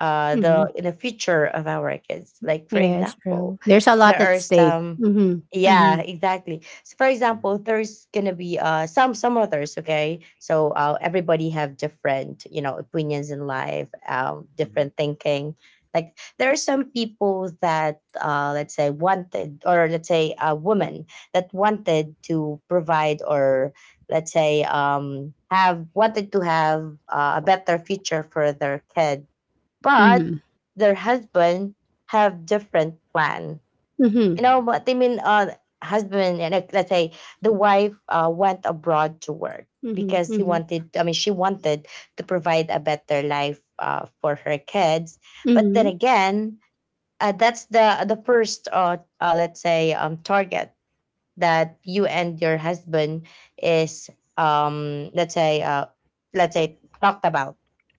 [SPEAKER 1] Mm-hmm.
[SPEAKER 3] the in the future of our kids. Like for
[SPEAKER 1] Yes,
[SPEAKER 3] example,
[SPEAKER 1] true. There's a
[SPEAKER 3] there
[SPEAKER 1] lot at
[SPEAKER 3] are
[SPEAKER 1] stake.
[SPEAKER 3] some
[SPEAKER 1] Mm-hmm. Mm-hmm.
[SPEAKER 3] yeah, exactly. So for
[SPEAKER 2] Mhm.
[SPEAKER 3] example, there's gonna be some others, okay? So everybody have different, opinions in life,
[SPEAKER 2] Mhm.
[SPEAKER 3] different thinking. Like there are some people that let's say wanted, or let's say a woman that wanted to provide, or let's say have wanted to have a better future for their kid, but
[SPEAKER 1] Mm-hmm.
[SPEAKER 3] their husband have different plan.
[SPEAKER 1] Mm-hmm.
[SPEAKER 3] You know
[SPEAKER 2] Mhm.
[SPEAKER 3] what I mean? Husband and, like, let's say, the wife went abroad to work
[SPEAKER 1] Mm-hmm.
[SPEAKER 3] because he
[SPEAKER 1] Mm-hmm.
[SPEAKER 3] wanted. I mean, she wanted to provide a better life for her kids. But
[SPEAKER 1] Mm-hmm.
[SPEAKER 3] then again, that's the first, let's say, target that you and your husband is, let's say, let's say, talked about,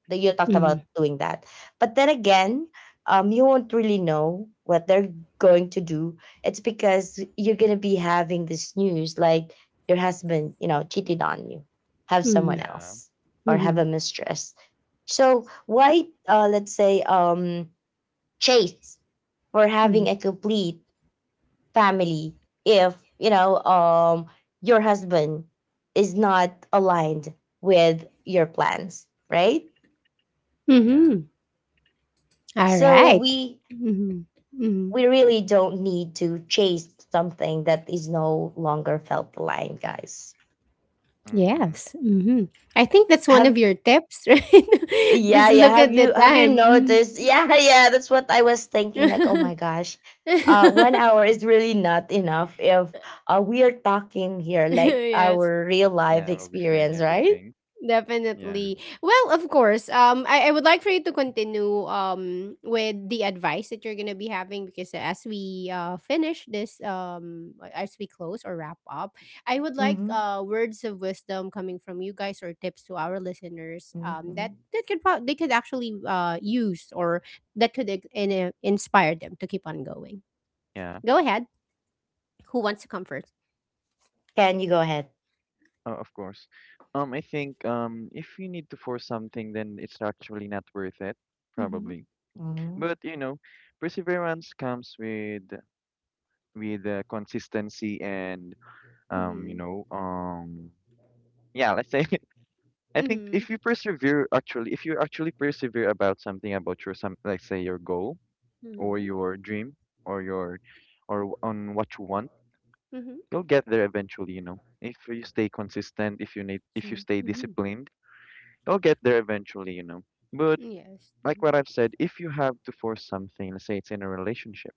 [SPEAKER 3] that you talked
[SPEAKER 1] Mm-hmm. Mm-hmm.
[SPEAKER 3] about doing that, but then again, you won't really know what they're going to do. It's because you're going to be having this news, like your husband, cheated on you, have someone
[SPEAKER 2] Yeah.
[SPEAKER 3] else or have
[SPEAKER 1] Mm-hmm.
[SPEAKER 3] a mistress. So why let's say, chase for
[SPEAKER 1] Mm-hmm,
[SPEAKER 3] having a complete family if, your husband is not aligned with your plans, right?
[SPEAKER 2] Yeah.
[SPEAKER 1] mm-hmm.
[SPEAKER 3] So
[SPEAKER 1] Alright.
[SPEAKER 3] we
[SPEAKER 1] Mhm. Mhm.
[SPEAKER 3] we really don't need to chase something that is no longer felt aligned, guys.
[SPEAKER 2] Mhm.
[SPEAKER 1] Yes. Mhm. I think that's one of
[SPEAKER 3] Have
[SPEAKER 1] your tips, right?
[SPEAKER 3] Yeah,
[SPEAKER 1] Just
[SPEAKER 3] yeah.
[SPEAKER 1] look
[SPEAKER 3] have
[SPEAKER 1] at the
[SPEAKER 3] you have you
[SPEAKER 1] time.
[SPEAKER 3] noticed? Yeah. Yeah, that's what I was thinking, like, oh
[SPEAKER 1] Mhm.
[SPEAKER 3] my gosh. One hour is really not enough if, we are talking here like
[SPEAKER 1] Yes.
[SPEAKER 3] our real life
[SPEAKER 2] Yeah, we'll be sharing
[SPEAKER 3] experience, right?
[SPEAKER 2] everything. Yeah.
[SPEAKER 1] Definitely. Well, of course. I would like for you to continue with the advice that you're gonna be having, because as we finish this, as we close or wrap up, I would like
[SPEAKER 3] Mm-hmm.
[SPEAKER 1] words of wisdom coming from you guys, or tips to our listeners,
[SPEAKER 3] Mm-hmm.
[SPEAKER 1] that that could they could actually use, or that could inspire them to keep on going.
[SPEAKER 2] Yeah.
[SPEAKER 1] Go ahead. Who wants to come first?
[SPEAKER 3] Can you go ahead?
[SPEAKER 2] Oh, of course. I think if you need to force something, then it's actually not worth it,
[SPEAKER 1] Mm-hmm.
[SPEAKER 2] probably.
[SPEAKER 3] Mhm.
[SPEAKER 2] But perseverance comes with consistency and um, you
[SPEAKER 1] Mm-hmm.
[SPEAKER 2] know, um, yeah, let's say I think
[SPEAKER 1] Mm-hmm.
[SPEAKER 2] if you actually persevere about something about like say your goal or
[SPEAKER 1] Mm-hmm.
[SPEAKER 2] your dream or your on what you want,
[SPEAKER 1] Mm-hmm.
[SPEAKER 2] you'll get there eventually, you know. If you stay consistent, if you
[SPEAKER 1] True.
[SPEAKER 2] stay
[SPEAKER 1] Mm-hmm.
[SPEAKER 2] disciplined, you'll get there eventually, you know. But
[SPEAKER 1] Yes.
[SPEAKER 2] like what I've said, if you have to force something, let's say it's in a relationship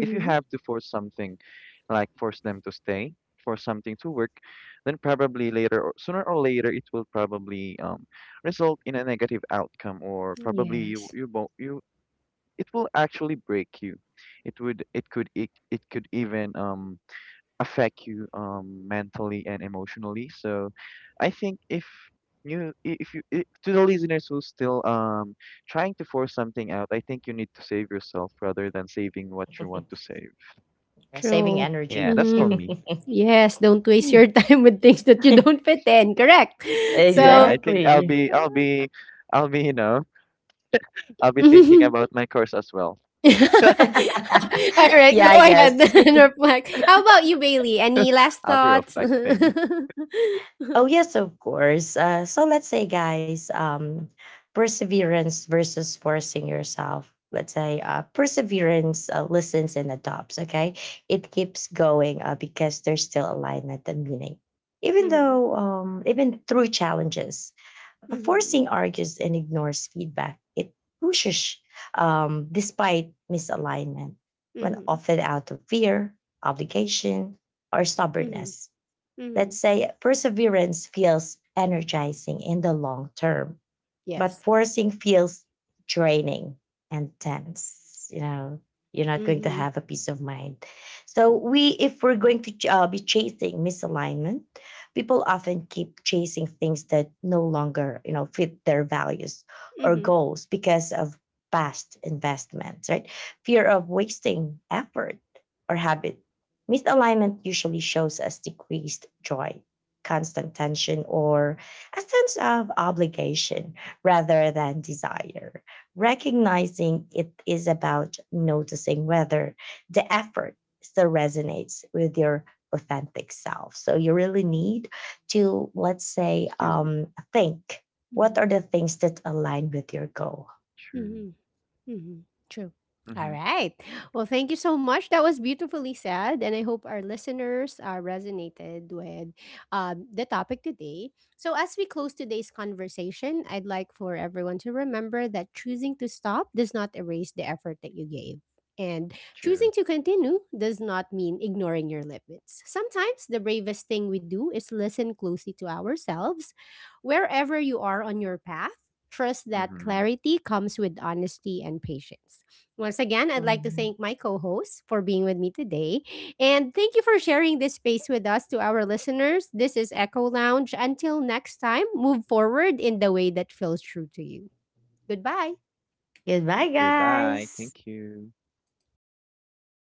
[SPEAKER 2] if you have to force something, like force them to stay, force something to work, then probably later or sooner or later it will probably result in a negative outcome or probably you
[SPEAKER 1] Yes.
[SPEAKER 2] you won't you it will actually break you. It would it could it, it could even affect you mentally and emotionally. So I think if you I to the listeners who's still trying to force something out, I think you need to save yourself rather than saving what you want to save.
[SPEAKER 3] Saving
[SPEAKER 1] True.
[SPEAKER 2] Yeah,
[SPEAKER 3] energy.
[SPEAKER 2] that's for
[SPEAKER 1] Mhm.
[SPEAKER 2] me.
[SPEAKER 1] Yes, don't waste
[SPEAKER 3] Hmm.
[SPEAKER 1] your time with things that you don't fit in. Correct.
[SPEAKER 2] Yeah,
[SPEAKER 1] So,
[SPEAKER 2] I think
[SPEAKER 3] Exactly.
[SPEAKER 2] you know, I'll be thinking about my course as well.
[SPEAKER 1] all right,
[SPEAKER 3] Yeah,
[SPEAKER 1] go
[SPEAKER 3] I
[SPEAKER 1] ahead
[SPEAKER 3] guess.
[SPEAKER 1] and reflect. How about you, Bailey? Any last
[SPEAKER 2] I'll be
[SPEAKER 1] thoughts?
[SPEAKER 2] reflecting.
[SPEAKER 3] Oh yes, of course. So let's say, guys, perseverance versus forcing yourself. Let's say perseverance listens and adopts. Okay, it keeps going, because there's still alignment and meaning, even
[SPEAKER 1] Mhm.
[SPEAKER 3] though, even through challenges.
[SPEAKER 1] Mhm.
[SPEAKER 3] Forcing argues and ignores feedback. It pushes, despite misalignment, when
[SPEAKER 1] Mhm.
[SPEAKER 3] often out of fear, obligation, or
[SPEAKER 1] Mhm.
[SPEAKER 3] stubbornness.
[SPEAKER 1] Mhm.
[SPEAKER 3] Let's say perseverance feels energizing in the long term, but
[SPEAKER 1] Yes.
[SPEAKER 3] forcing feels draining and tense. You're not going to
[SPEAKER 1] Mhm.
[SPEAKER 3] have a peace of mind. So, we if we're going to be chasing misalignment, people often keep chasing things that no longer, fit their values or
[SPEAKER 1] Mhm.
[SPEAKER 3] goals, because of past investments, right? Fear of wasting effort, or habit. Misalignment usually shows us decreased joy, constant tension, or a sense of obligation rather than desire. Recognizing it is about noticing whether the effort still resonates with your authentic self. So you really need to, let's say,
[SPEAKER 2] Excuse me.
[SPEAKER 3] think what are
[SPEAKER 1] Mhm.
[SPEAKER 3] the things that align with your goal.
[SPEAKER 2] True.
[SPEAKER 1] Mhm. Hmm. True. All
[SPEAKER 2] Mm-hmm.
[SPEAKER 1] right. Well, thank you so much. That was beautifully said, and I hope our listeners resonated with the topic today. So, as we close today's conversation, I'd like for everyone to remember that choosing to stop does not erase the effort that you gave. And
[SPEAKER 2] True.
[SPEAKER 1] choosing to continue does not mean ignoring your limits. Sometimes the bravest thing we do is listen closely to ourselves, wherever you are on your path. Trust that
[SPEAKER 2] Mm-hmm.
[SPEAKER 1] clarity comes with honesty and patience. Once again, I'd like to
[SPEAKER 3] Mhm.
[SPEAKER 1] thank my co host for being with me today. And thank you for sharing this space with us. To our listeners, this is Echo Lounge. Until next time, move forward in the way that feels true to you. Goodbye.
[SPEAKER 3] Goodbye,
[SPEAKER 2] Goodbye.
[SPEAKER 3] guys.
[SPEAKER 2] Thank you.